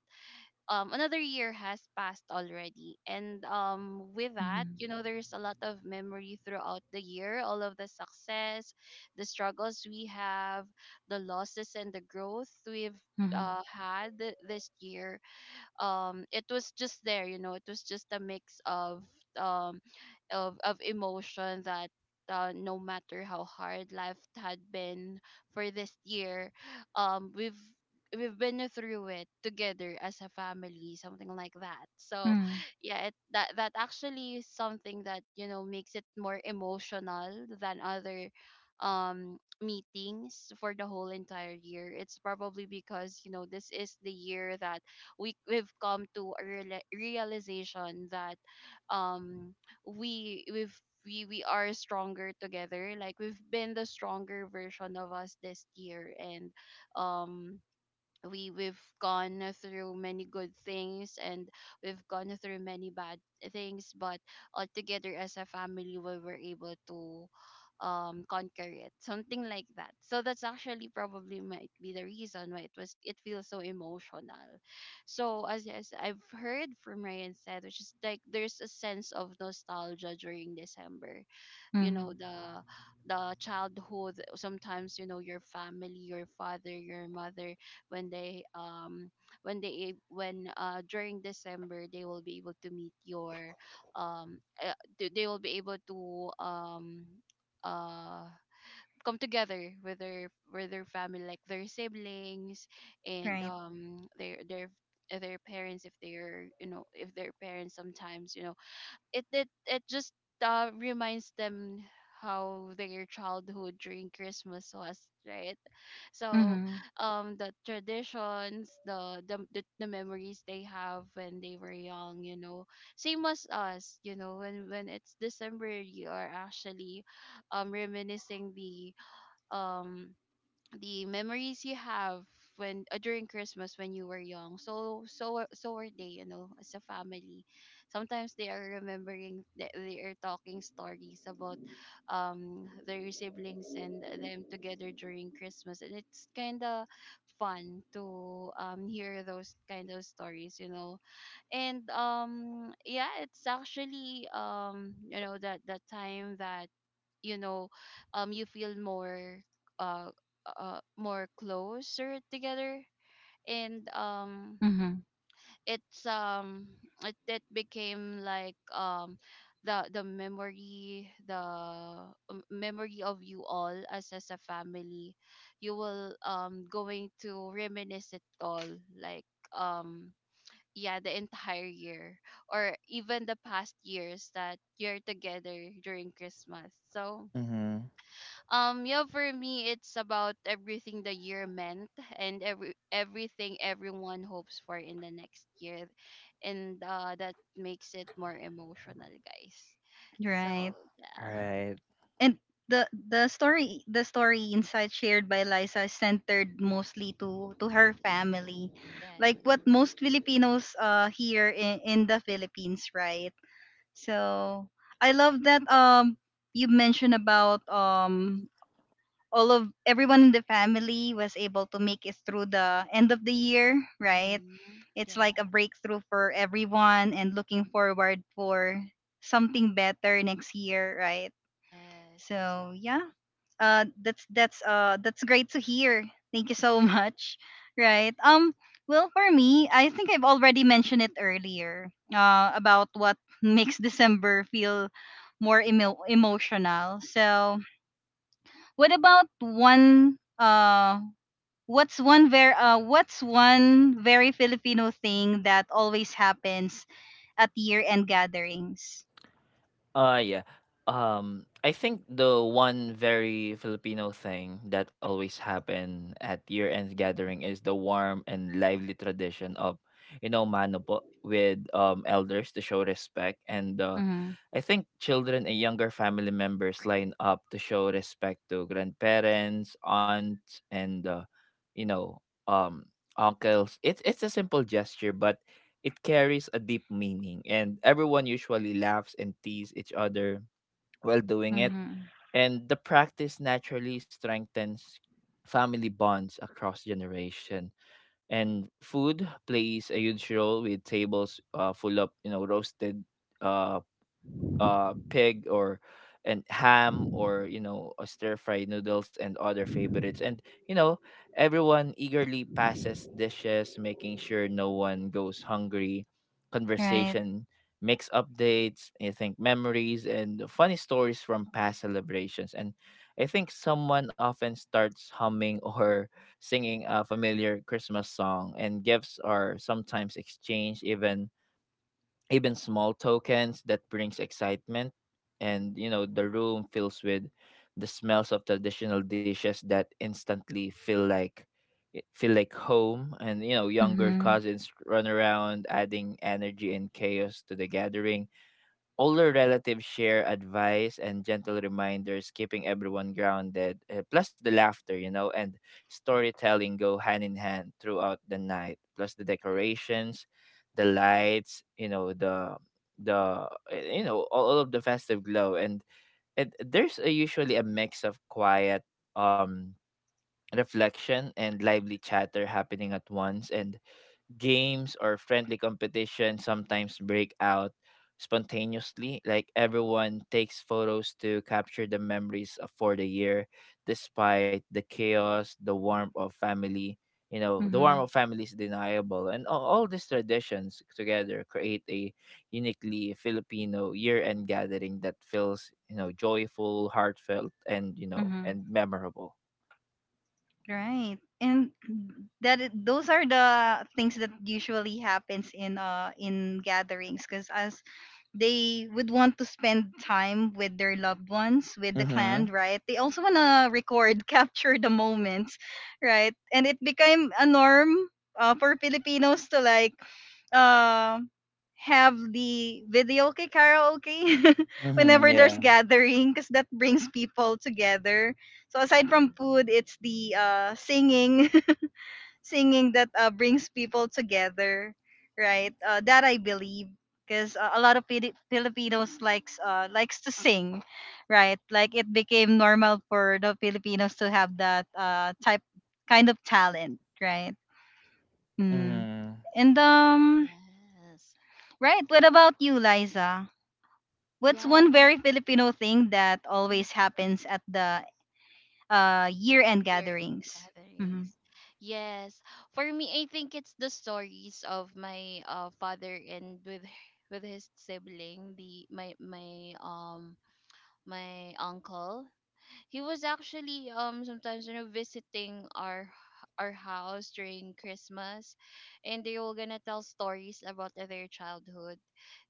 C: another year has passed already. And with that,
A: Mm-hmm.
C: there's a lot of memory throughout the year, all of the success, the struggles we have, the losses, and the growth we've
A: Mm-hmm.
C: had this year. It was just there. It was just a mix of um emotion that, no matter how hard life had been for this year, um we've we've been through it together as a family, something like that. So
A: Mm-hmm.
C: yeah, it, that that actually is something that, makes it more emotional than other meetings for the whole entire year. It's probably because, this is the year that we've come to a realization that, um we we've we are stronger together. Like we've been the stronger version of us this year. And um we we've gone through many good things, and we've gone through many bad things, but all together as a family, we were able to conquer it, something like that. So that's actually probably might be the reason why it feels so emotional. So as I've heard from Ryan said, which is like there's a sense of nostalgia during December. you know
A: Mm-hmm.
C: the the childhood, sometimes, your family, your father, your mother, when they, when they ab- when during December, they will be able to meet your... they will be able to, uh come together with their family, like their siblings, and
A: Right.
C: um their their uh, their parents. If they're, if their parents, sometimes, it just reminds them how their childhood during Christmas was, right? So,
A: Mm-hmm.
C: the traditions, the memories they have when they were young, you know, same as us, you know, when it's December, you are actually reminiscing the um memories you have when during Christmas when you were young. So are they, you know, as a family. Sometimes they are remembering, they are talking stories about their siblings and them together during Christmas, and it's kind of fun to hear those kind of stories, you know. And it's actually, you know, that the time that, you know you feel more, uh, more closer together. And
A: Mm-hmm.
C: it's um it became like, the memory, the memory of you all as a family, you will going to reminisce it all, like, um yeah the entire year, or even the past years that you're together during Christmas. So
B: Mm-hmm.
C: yeah, for me, it's about everything the year meant, and everything everyone hopes for in the next year, and that makes it more emotional, guys. So
A: Right.
C: yeah.
B: Right.
A: And the story insight shared by Liza is centered mostly to her family,
C: Yeah.
A: like what most Filipinos here in the Philippines, right? So I love that you mentioned about all of everyone in the family was able to make it through the end of the year, right?
C: Mm-hmm.
A: It's like a
C: Yeah.
A: breakthrough for everyone and looking forward for something better next year, right?
C: Yes,
A: So yeah.
C: exactly.
A: That's great to hear. Thank you so much. Right. Well, for me, I think I've already mentioned it earlier about what makes December feel more emotional. So what about one what's one very Filipino thing that always happens at year-end gatherings?
B: Uh yeah. I think the one very Filipino thing that always happen at year-end gathering is the warm and lively tradition of, you know, manopo with elders to show respect. And
A: Mhm.
B: I think children and younger family members line up to show respect to grandparents, aunts, and you know, um uncles. It's a simple gesture, but it carries a deep meaning, and everyone usually laughs and tease each other while doing it.
A: Mhm.
B: And the practice naturally strengthens family bonds across generation. And food plays a huge role with tables full of roasted uh, pig or and ham or a stir fry noodles and other favorites. And you know everyone eagerly passes dishes, making sure no one goes hungry.
A: Right.
B: Conversation makes updates, I think, memories and funny stories from past celebrations. And I think someone often starts humming or singing a familiar Christmas song. And gifts are sometimes exchanged, even small tokens that brings excitement. And the room fills with the smells of traditional dishes that instantly feel like feel like home. And younger
A: Mhm.
B: cousins run around, adding energy and chaos to the gathering. Older relatives share advice and gentle reminders, keeping everyone grounded. Plus, the laughter, you know, and storytelling go hand in hand throughout the night. Plus, the decorations, the lights, you know, the all of the festive glow. And there's usually a mix of quiet um reflection and lively chatter happening at once. And games or friendly competition sometimes break out spontaneously, like everyone takes photos to capture the memories of for the year. Despite the chaos, the warmth of family, the
A: Mhm.
B: warmth of family is deniable. And all these traditions together create a uniquely Filipino year-end gathering that feels, joyful, heartfelt, and
A: Mhm.
B: and memorable.
A: Right. And those are the things that usually happens in gatherings because as they would want to spend time with their loved ones, with the clan,
B: Mm-hmm.
A: right? They also want to record, capture the moments, right? And it became a norm for Filipinos to like uh, have the video karaoke
B: Mm-hmm,
A: whenever there's
B: yeah.
A: gathering because that brings people together. So aside from food, it's the singing, singing that brings people together, right? That I believe, because a lot of Filipinos likes to sing, right? Like, it became normal for the Filipinos to have that type kind of talent, right? Mm.
B: Mm-hmm.
A: And,
C: Yes.
A: right. What about you, Liza? What's
C: Yeah,
A: one
C: well.
A: very Filipino thing that
C: Mhm.
A: always happens at the year-end
C: Year-end
A: gatherings? Mm-hmm.
C: gatherings. Yes, for me, I think it's the stories of my father, and with with his sibling, the my my my uncle. He was actually sometimes, you know, visiting our house during Christmas, and they were gonna tell stories about their childhood.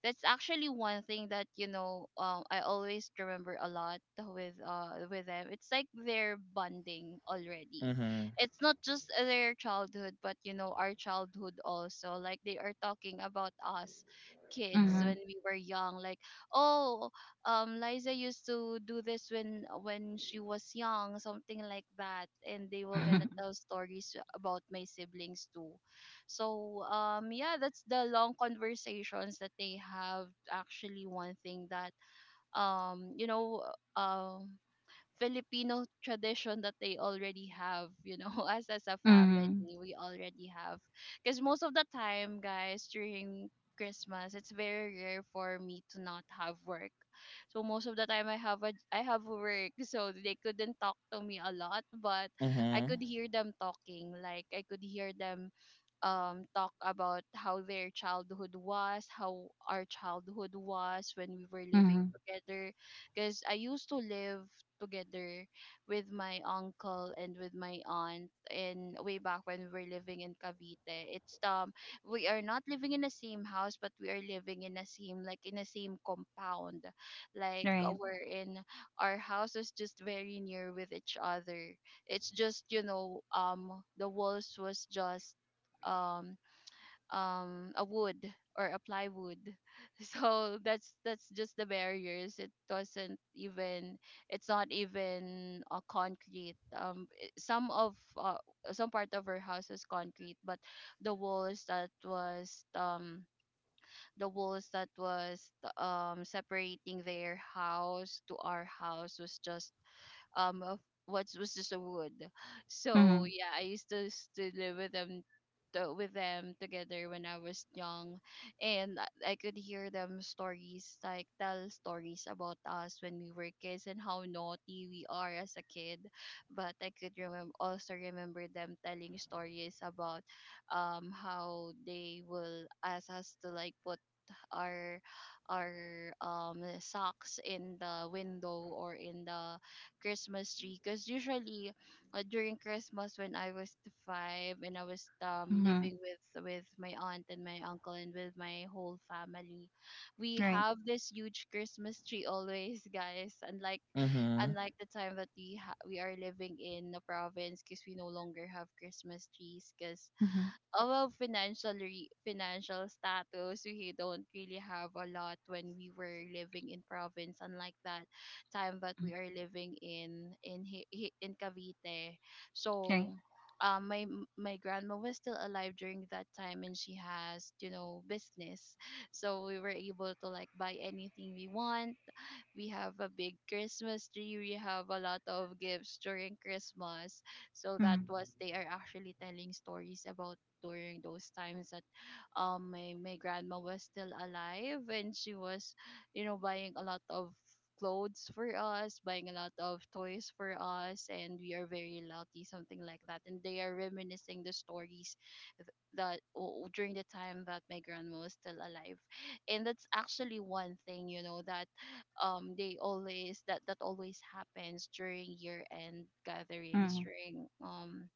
C: That's actually one thing that, I always remember a lot with them. It's like they're bonding already.
B: Mm-hmm.
C: It's not just their childhood, but you know, our childhood also. Like they are talking about us kids
A: Mm-hmm.
C: when we were young, like, oh Liza used to do this when she was young, something like that, and they were gonna tell stories about my siblings too. So that's the long conversations that they have. Actually, one thing that, um you know um Filipino tradition that they already have, us as a family,
A: Mhm.
C: we already have. Because most of the time, guys, during Christmas, it's very rare for me to not have work. So most of the time, I have work. So they couldn't talk to me a lot, but I could
B: Mm-hmm.
C: hear them talking. Like I could hear them talk about how their childhood was, how our childhood was when we were living
A: Mhm.
C: together. Because I used to live together with my uncle and with my aunt, and way back when we were living in Cavite. It's We are not living in the same house, but we are living in the same, like, in the same compound. Like
A: Right.
C: we're in Our house is just very near with each other. It's just, you know, the walls was just, um a wood or a plywood. So that's just the barriers. It doesn't even, it's not even a concrete, some of, some part of our house is concrete, but the walls that was um the walls that was, separating their house to our house, was just, of what was just a wood. So
A: Mhm.
C: yeah, I used to to live with them, with them together when I was young, and I could hear them stories, like, tell stories about us when we were kids and how naughty we are as a kid. But I could remember, also remember them telling stories about, how they will ask us to, like, put our our socks in the window or in the Christmas tree, because usually, during Christmas when I was the five, and I was
A: Mhm.
C: living with my aunt and my uncle and with my whole family, we
A: Right.
C: have this huge Christmas tree always, guys. Unlike
B: Mhm,
C: unlike the time that we we are living in the province, because we no longer have Christmas trees, because
A: Mhm.
C: our financial status, we don't really have a lot when we were living in province, unlike that time that
A: Mhm.
C: we are living in, in Cavite.
A: Right.
C: So, my my grandma was still alive during that time, and she has, you know, business, so we were able to, like, buy anything we want. We have a big Christmas tree. We have a lot of gifts during Christmas. So that
A: Mhm.
C: was, they are actually telling stories about during those times that, my grandma was still alive, and she was, you know, buying a lot of clothes for us, buying a lot of toys for us, and we are very lucky, something like that. And they are reminiscing the stories, th- during the time that my grandma was still alive, and that's actually one thing, you know, that they always, that always happens during year end gatherings,
A: Mhm.
C: during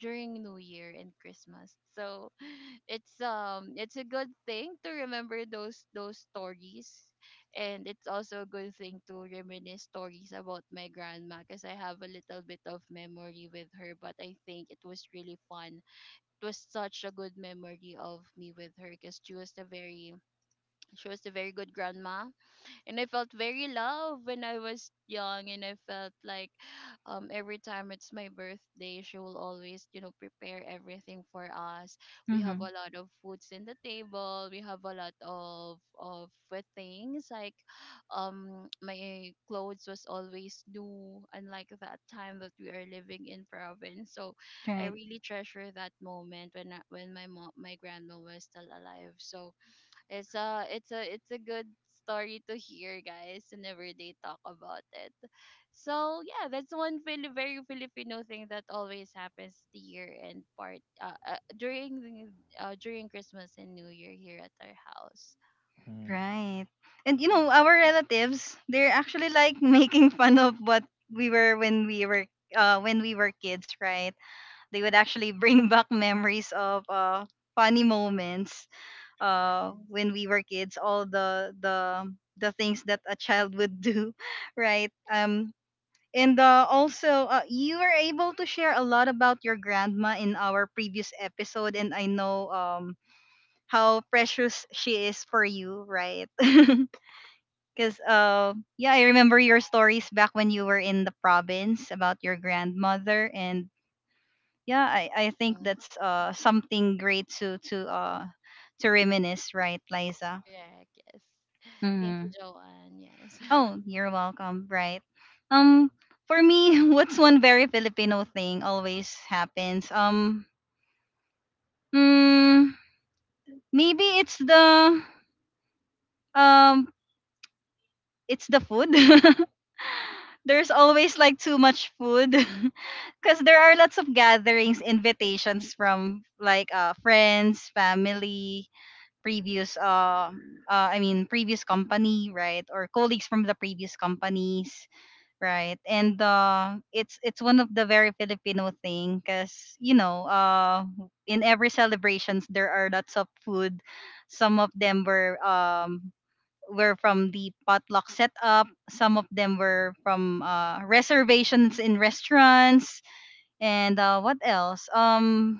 C: during New Year and Christmas. So it's a good thing to remember those stories, and it's also a good thing to reminisce stories about my grandma, because I have a little bit of memory with her, but I think it was really fun. It was such a good memory of me with her, because she was a very good grandma, and I felt very loved when I was young, and I felt like, every time it's my birthday, she will always, you know, prepare everything for us. We have
A: Mhm.
C: a lot of foods in the table. We have a lot of things, like, my clothes was always new, unlike that time that we are living in province. So I
A: Right.
C: really treasure that moment when when my grandma was still alive. So it's a good story to hear, guys, whenever they talk about it. So yeah, that's one very Filipino thing that always happens, the year end part, during Christmas and New Year here at our house.
B: mhm,
A: Right. And our relatives, they're actually like making fun of what we were when we were when we were kids, right? They would actually bring back memories of funny moments
C: Yes.
A: when we were kids, all the things that a child would do, right? And also, you were able to share a lot about your grandma in our previous episode, and I know how precious she is for you, right? Because, yeah, I remember your stories back when you were in the province about your grandmother, and yeah, I think
C: Yeah.
A: that's something great to reminisce, right, Liza?
C: Correct. Yes. Thank you,
A: Mm-hmm.
C: Joanne. Yes.
A: Oh, you're welcome. Right. Um, for me, what's one very Filipino thing always happens? Mm, Maybe it's the um, food. There's always like too much food because there are lots of gatherings, invitations from like friends, family, previous I mean previous company, right, or colleagues from the previous companies. Right. And it's one of the very Filipino thing because in every celebrations there are lots of food. Some of them were were from the potluck setup. Some of them were from reservations in restaurants. And what else?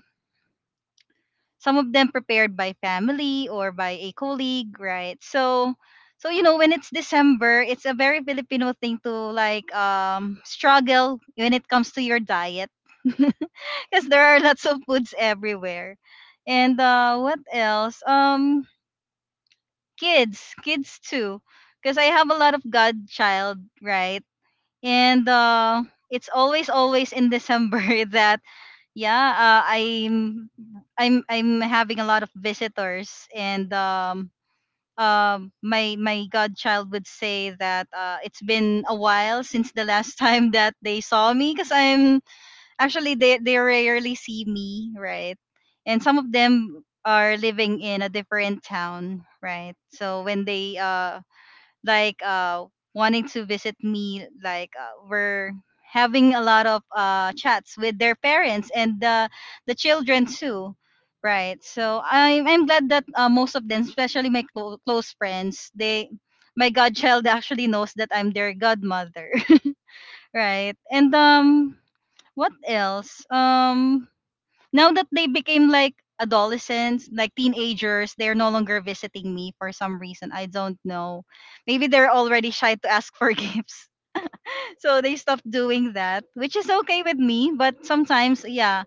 A: Some of them prepared by family or by a colleague, right? So when it's December it's a very Filipino thing to like struggle when it comes to your diet because there are lots of foods everywhere. And what else? Kids too, because I have a lot of godchild, right? And it's always in December that, yeah, uh, i'm I'm having a lot of visitors. And my godchild would say that it's been a while since the last time that they saw me, because I'm actually they rarely see me, right? And some of them are living in a different town, right? So when they like wanting to visit me, like, we're having a lot of chats with their parents and the children too, right? So I'm glad that most of them, especially my close friends, they my godchild actually knows that I'm their godmother. Right. And what else? Now that they became like adolescents, like teenagers, they're no longer visiting me for some reason. I don't know. Maybe they're already shy to ask for gifts. So they stopped doing that, which is okay with me. But sometimes, yeah,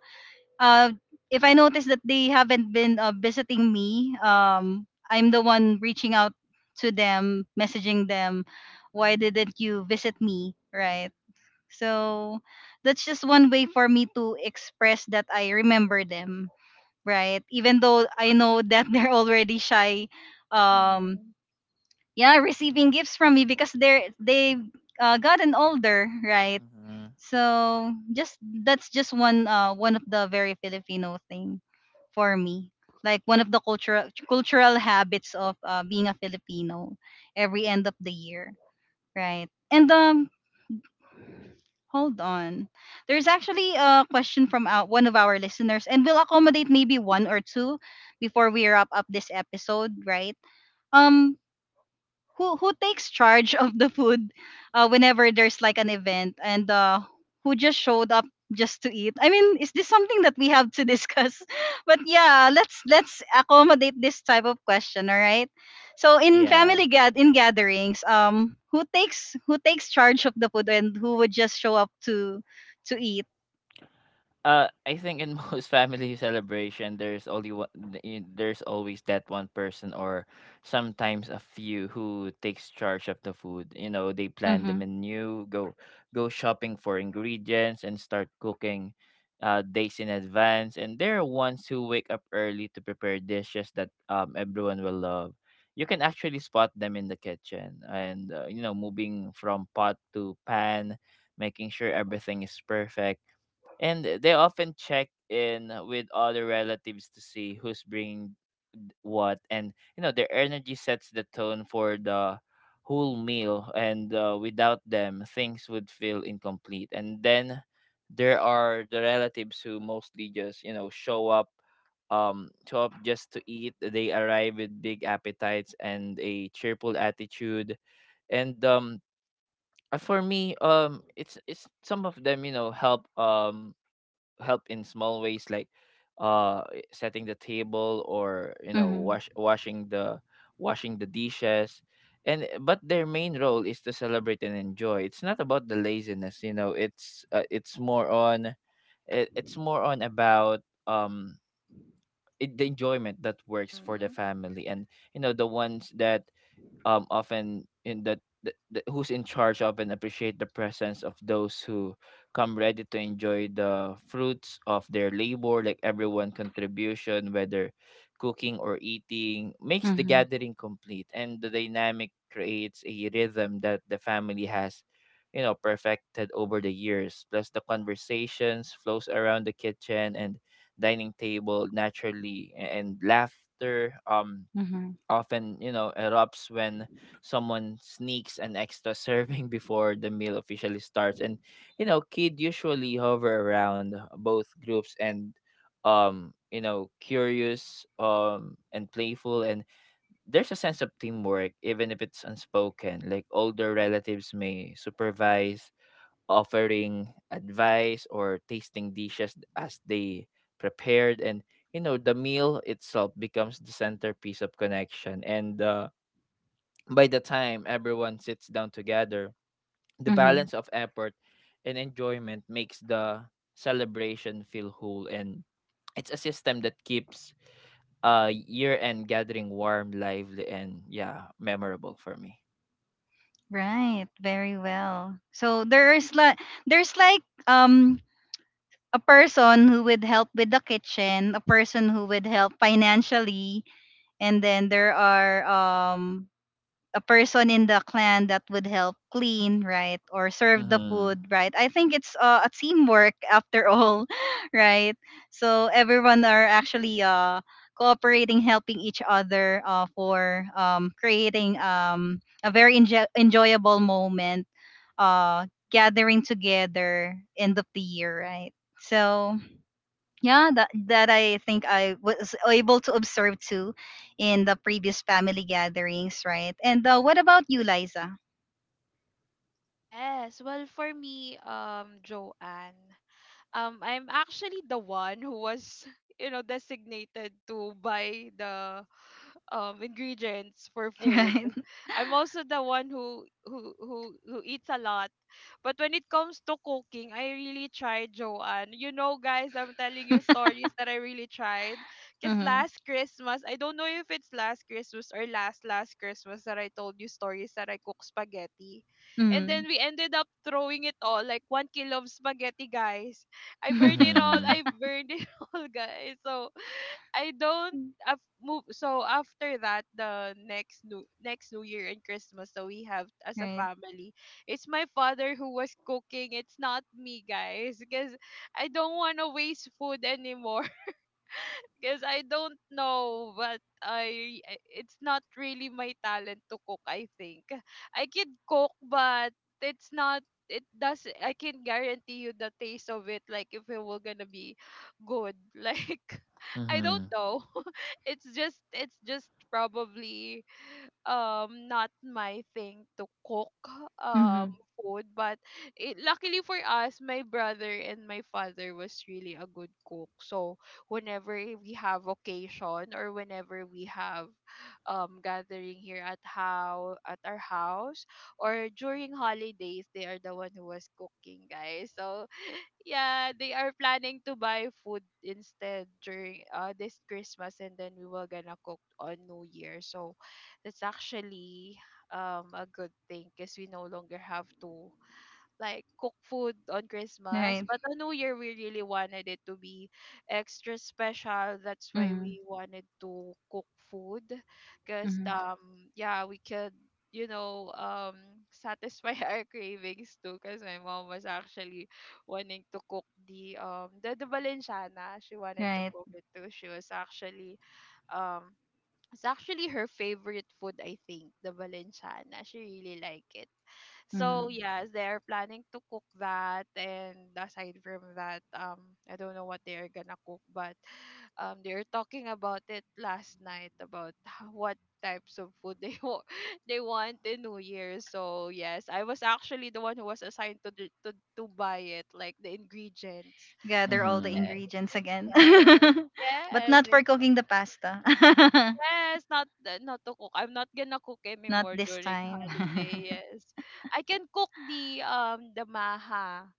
A: uh, if I notice that they haven't been visiting me, I'm the one reaching out to them, messaging them, why didn't you visit me? Right. So that's just one way for me to express that I remember them right? Even though I know that they're already shy, um,
C: Mm-hmm.
A: yeah, receiving gifts from me because they gotten older, right?
B: mhm.
A: So just that's just one of the very Filipino thing for me, like one of the cultural habits of being a Filipino every end of the year, right? And hold on. There's actually a question from one of our listeners, and we'll accommodate maybe one or two before we wrap up this episode, right? Um, who takes charge of the food whenever there's like an event and who just showed up just to eat. I mean, is this something that we have to discuss but yeah, let's accommodate this type of question. All right, so in
B: Yeah.
A: family gad in gatherings who takes charge of the food and who would just show up to eat.
B: I think in most family celebration, there's only one, there's always that one person or sometimes a few who takes charge of the food. You know, they plan the
A: mhm
B: menu, go shopping for ingredients, and start cooking days in advance. And there are ones who wake up early to prepare dishes that everyone will love. You can actually spot them in the kitchen and you know, moving from pot to pan, making sure everything is perfect. And they often check in with other relatives to see who's bringing what. And you know, their energy sets the tone for the whole meal. And without them, things would feel incomplete. And then there are the relatives who mostly just, you know, show up, show up just to eat. They arrive with big appetites and a cheerful attitude. And for me, it's some of them, you know, help in small ways, like setting the table or, you know,
A: mhm
B: washing the dishes. And but their main role is to celebrate and enjoy. It's not about the laziness, you know, it's more on it's more on about um the enjoyment that works for the
C: Mm-hmm.
B: family. And you know, the ones that often in that who's in charge of and appreciate the presence of those who come ready to enjoy the fruits of their labor. Like everyone contribution, whether cooking or eating, makes the
A: mhm
B: gathering complete. And the dynamic creates a rhythm that the family has, you know, perfected over the years. Plus, the conversations flows around the kitchen and dining table naturally. And laughter
A: mhm
B: often, you know, erupts when someone sneaks an extra serving before the meal officially starts. And, you know, kid usually hover around both groups. And you know, curious and playful. And there's a sense of teamwork, even if it's unspoken. Like older relatives may supervise, offering advice or tasting dishes as they prepared. And you know, the meal itself becomes the centerpiece of connection. And by the time everyone sits down together, the
A: mhm
B: balance of effort and enjoyment makes the celebration feel whole. And it's a system that keeps year end gathering warm, lively, and yeah, memorable for me.
A: right, very well. So there's like um a person who would help with the kitchen, a person who would help financially, and then there are a person in the clan that would help clean, right, or serve the
B: Mhm.
A: food, right. I think it's a teamwork after all, right? So everyone are actually cooperating, helping each other for creating a very enjoyable moment uh gathering together end of the year, right? So yeah, that that I think I was able to observe too in the previous family gatherings, right? And what about you, Liza?
C: Yes, well, for me, Joanne. I'm actually the one who was you know, designated to buy the ingredients for food.
A: Right.
C: I'm also the one who eats a lot. But when it comes to cooking, I really tried, Joanne. You know, guys, I'm telling you stories that I really tried. Cause
A: Mm-hmm.
C: last Christmas, I don't know if it's last Christmas or last last Christmas that I told you stories that I cook spaghetti, and
A: Mm-hmm.
C: then we ended up throwing it all, like 1 kilo of spaghetti, guys. I burned it all.
B: Mhm.
C: I burned it all, guys. So I don't move. So after that, the next New Year and Christmas that we have as a
A: right.
C: family, it's my father who was cooking. It's not me, guys, because I don't want to waste food anymore, because I don't know, but, it's not really my talent to cook, I think. I can cook, but it's not, it does, I can guarantee you the taste of it, like, if it were gonna be good, like, I don't
B: Mhm.
C: know. It's just probably, not my thing to cook, um
A: Mm-hmm.
C: food. But luckily for us, my brother and my father was really a good cook. So whenever we have occasion, or whenever we have gathering here at, how at our house, or during holidays, they are the one who was cooking, guys. So yeah, they are planning to buy food instead during, this Christmas, and then we were gonna cook on New Year. So that's actually, a good thing, because we no longer have to, like, cook food on Christmas.
A: Right.
C: But on New Year, we really wanted it to be extra special. That's why
A: Mm-hmm.
C: we wanted to cook food, because,
A: Mm-hmm.
C: we could, you know um satisfy our cravings too. Because my mom was actually wanting to cook the, Balenciana. She wanted to
A: Right.
C: cook it too. She was actually, um it's actually her favorite food, I think, the Valenciana. She really like it.
A: Mm-hmm.
C: So yes, they're planning to cook that, and aside from that, I don't know what they are gonna cook, but they were talking about it last night about what types of food they they want in New Year. So yes, I was actually the one who was assigned to buy it, like the ingredients.
A: Gather all the
C: Yeah,
B: Mhm.
A: ingredients again.
C: yes.
A: But
C: Yes,
A: not for cooking the pasta.
C: yes, not the, not to cook. I'm not gonna cook
A: Not
C: anymore
A: this
C: during
A: time.
C: holiday. Yes, I can cook the, maha.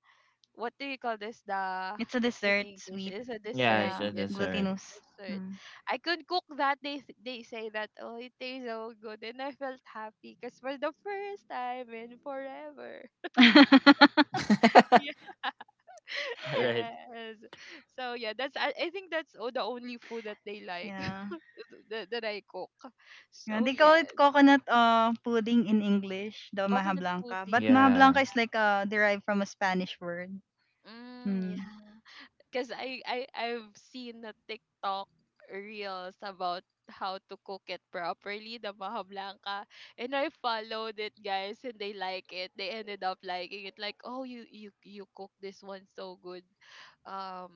C: What do you call this? The...
A: It's a
C: In
A: dessert,
C: English,
A: sweet.
C: it's a
B: Yeah,
C: dessert.
B: it's a
A: Yeah,
C: Yes, a
B: dessert.
C: sweet
A: glutinous.
C: dessert.
A: Mm.
C: I could cook that. They they say that, oh, it tastes so good, and I felt happy, because for the first time in forever.
B: Alright.
C: Yeah. Yes. So yeah, that's, I think that's, oh, the only food that they like,
A: Yeah.
C: that I cook.
A: Yeah,
C: So
A: they call it
C: yes.
A: coconut pudding in English, the maha
C: Coconut
A: blanca. But
C: pudding,
A: maha
C: yeah.
B: Yeah.
A: blanca is like derived from a Spanish word.
C: Mm,
A: Mm.
C: yeah. Because I've seen a TikTok reels about how to cook it properly, the maha blanca. And I followed it, guys, and they like it. They ended up liking it. Like, oh, you cook this one so good. Um,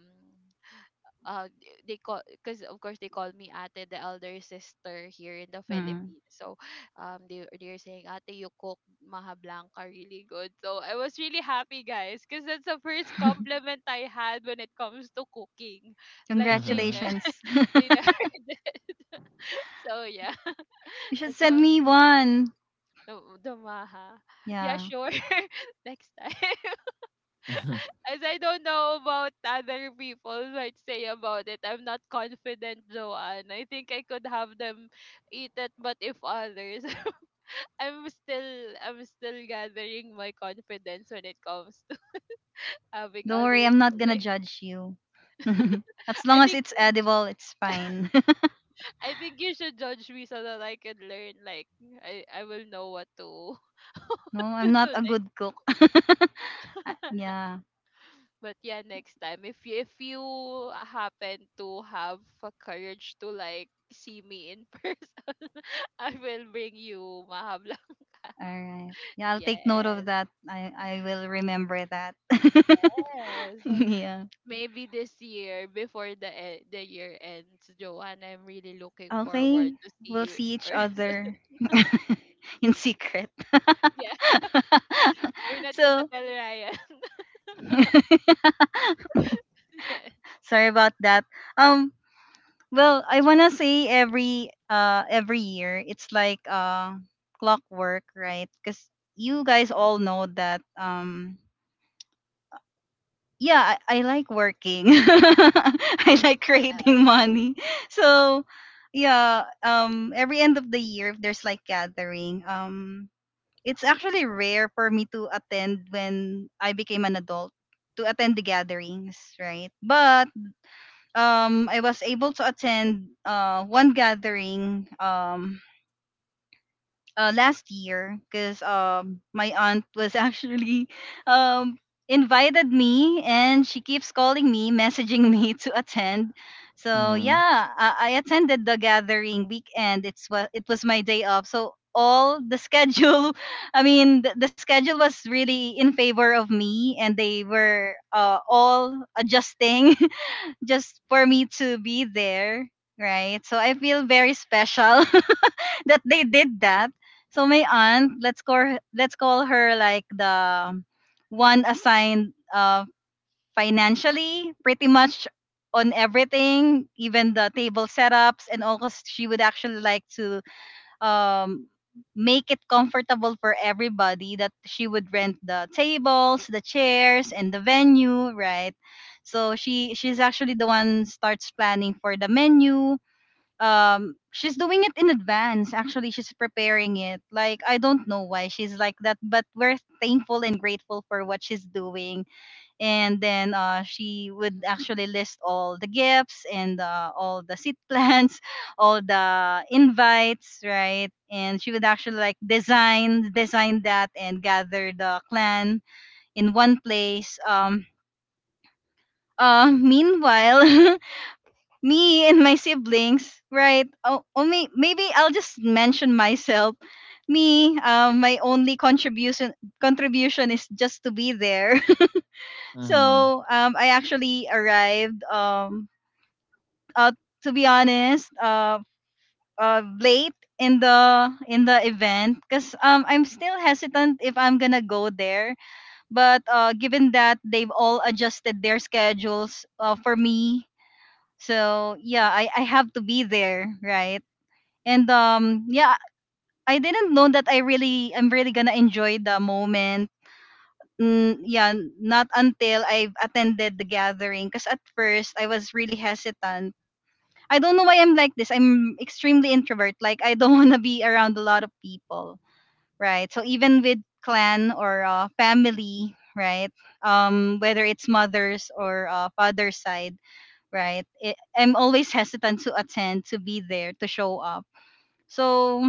C: uh they call, because of course they call me ate, the elder sister here in the Philippines.
A: Mm.
C: So, they're saying, ate, you cook maha blanca really good, so I was really happy, guys, because that's the first compliment I had when it comes to cooking, like
B: Mhm.
A: Congratulations.
C: they never did. So yeah,
A: You should send
C: so
A: me one.
C: the, the maha, yeah,
A: Yeah.
C: sure, next time. As I don't know about other people might say about it, I'm not confident, Joanne. I think I could have them eat it, but if others, I'm still gathering my confidence when it comes to having
A: Don't worry,
C: others
A: I'm
C: to
A: not gonna
C: like.
A: judge you. As
C: I
A: long as
C: think
A: it's edible, it's fine.
C: I think you should judge me so that I can learn. Like I will know what to,
A: No,
C: to
A: I'm not
C: do
A: a good
C: next.
A: cook. Ah, yeah.
C: But yeah, next time, if you happen to have a courage to, like, see me in person, I will bring you mahablang.
A: All right. Yeah, I'll take note of
C: Yes,
A: that. I will remember that.
C: yes.
A: Yeah.
C: Maybe this year, before the year ends, Joanne, I'm really looking forward
A: Okay,
C: to see
A: we'll
C: you in
A: see each
C: person.
A: other in secret.
C: Yeah, you're not gonna
A: So
C: tell Ryan. Yes.
A: sorry about that. Um, well, I wanna say every year it's like clockwork, right? Because you guys all know that yeah, I like working. I like creating
C: Yes.
A: money. So yeah, every end of the year, if there's like gathering, it's actually rare for me to attend. When I became an adult to attend the gatherings, right? But I was able to attend one gathering last year, because my aunt was actually um invited me, and she keeps calling me, messaging me to attend. So
B: Mhm.
A: yeah, I attended the gathering weekend. It's what it was my day off, so all the schedule I mean, the schedule was really in favor of me, and they were all adjusting just for me to be there, right? So I feel very special that they did that. So my aunt, let's call her like the one assigned financially, pretty much on everything, even the table setups, and also she would actually like to um, make it comfortable for everybody. That she would rent the tables, the chairs, and the venue, right? So she's actually the one starts planning for the menu, she's doing it in advance. Actually, she's preparing it like I don't know why she's like that, but we're thankful and grateful for what she's doing. And then she would actually
C: Mhm.
A: list all the gifts and all the seat plans, all the invites, right? And she would actually like design that and gather the clan in one place, meanwhile, me and my siblings, right? Oh, maybe I'll just mention myself. Me, my only contribution is just to be there.
B: Mhm.
A: So I actually arrived. Uh, to be honest, late in the event, because I'm still hesitant if I'm gonna go there. But given that they've all adjusted their schedules for me, so yeah, I have to be there, right? And yeah, I didn't know that I really am really gonna enjoy the moment. Mm, yeah, not until I've attended the gathering, because at first I was really hesitant. I don't know why I'm like this. I'm extremely introvert. Like, I don't want to be around a lot of people, right? So even with clan or family, right? Whether it's mother's or father's side, right? It, I'm always hesitant to attend, to be there, to show up. So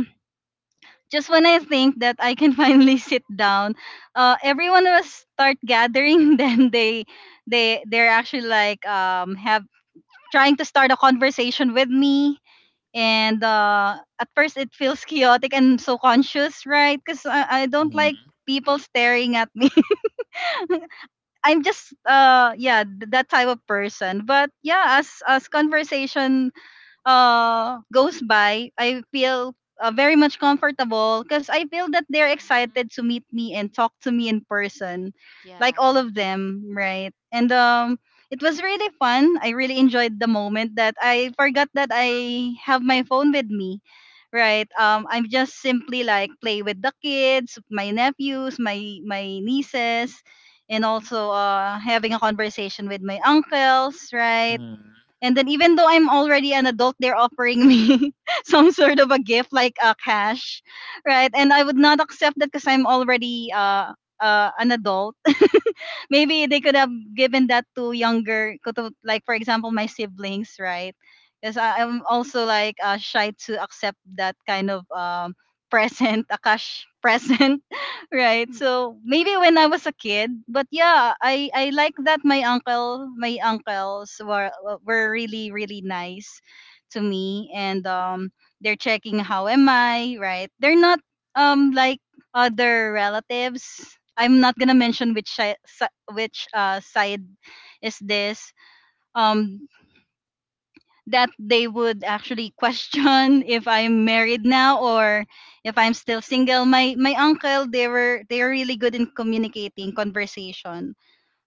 A: just when I think that I can finally sit down, everyone was start gathering. Then they're actually like have trying to start a conversation with me. And at first it feels chaotic and so conscious, right? Because I don't like
B: Mhm.
A: people staring at me. I'm just yeah, that type of person. But yeah, as conversation goes by, I feel very much comfortable, because I feel that they're
C: Mhm.
A: excited to meet me and talk to me in person, like all
C: Yeah.
A: of them, right? And it was really fun. I really enjoyed the moment that I forgot that I have my phone with me. Right. I'm just simply like play with the kids, my nephews, my nieces, and also having a conversation with my uncles, right?
B: Mhm.
A: And then, even though I'm already an adult, they're offering me some sort of a gift like cash, right? And I would not accept that because I'm already an adult. Maybe they could have given that to younger, to, like for example, my siblings, right? Because I'm also like shy to accept that kind of present, a cash present, right? So maybe when I was a kid, but yeah, I like that my uncle, my uncles were really really nice to me, and they're checking how am I, right? They're not like other relatives. I'm not gonna mention which side is this. Um, that they would actually question if I'm married now, or if I'm still single. My uncle, they are really good in communicating conversation.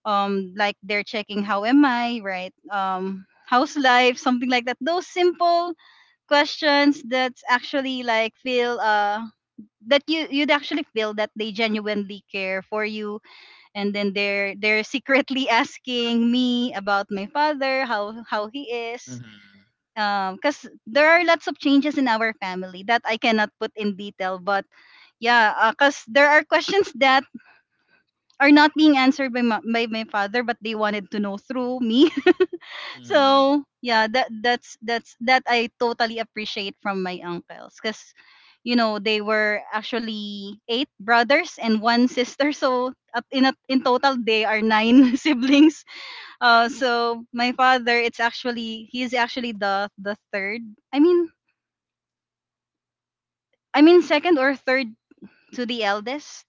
A: Like, they're checking how am I, right? How's life, something like that. Those simple questions that's actually like feel that you you'd actually feel that they genuinely care for you. And then they're secretly asking me about my father,
B: Mhm.
A: how he
B: Mhm.
A: is, because there are lots of changes in our family that I cannot put in detail. But yeah, because there are questions that are not being answered by my father, but they wanted to know through me.
B: Mhm.
A: So yeah, that that's that I totally appreciate from my uncles, because you know, they were actually eight brothers and one sister so in total they are nine siblings. So my father, it's actually he's actually the third, i mean I mean, second or third to the eldest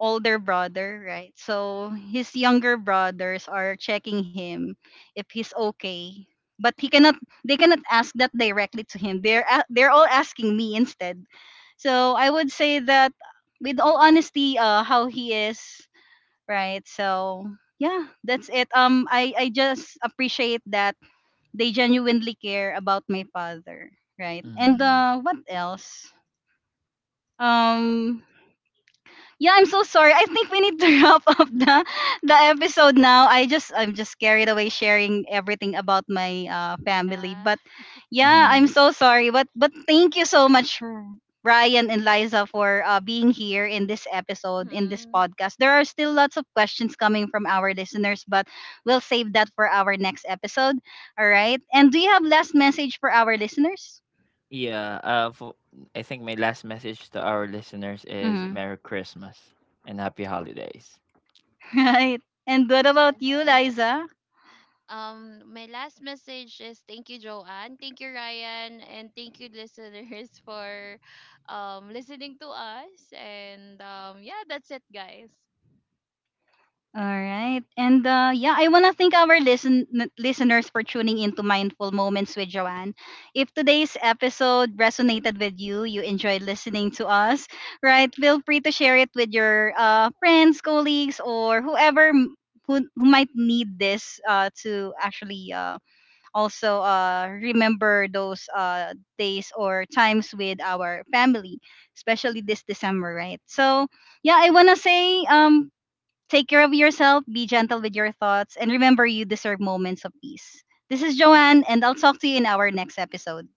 A: older brother, right? So his younger brothers are checking him if he's okay. But he cannot they cannot ask that directly to him. They're all asking me instead. So I would say that with all honesty how he is, right? So yeah, that's it. I just appreciate that they genuinely care about my father, right? And
B: Mhm.
A: uh what else? Um yeah, I'm so sorry. I think we need to wrap up the episode now. I'm just carried away sharing everything about my family.
C: Yeah.
A: But yeah, I'm
B: Mhm.
A: so sorry. But thank you so much, Ryan and Liza, for being here in this episode, in this
C: Mhm.
A: podcast. There are still lots of questions coming from our listeners, but we'll save that for our next episode. All right. And do you have last message for our listeners?
B: Yeah. I think my last message to our listeners is
A: Mm-hmm.
B: Merry Christmas and Happy Holidays.
A: Right. And what about you,
C: Yes.
A: Liza?
C: My last message is thank you, Joanne. Thank you, Ryan. And thank you, listeners, for, listening to us. And that's it, guys.
A: All right. And yeah, I want to thank our listeners for tuning in to Mindful Moments with Joanne. If today's episode resonated with you, you enjoyed listening to us, right? Feel free to share it with your friends, colleagues, or whoever who might need this to actually also remember those days or times with our family, especially this December, right? So yeah, I wanna say take care of yourself, be gentle with your thoughts, and remember you deserve moments of peace. This is Joanne, and I'll talk to you in our next episode.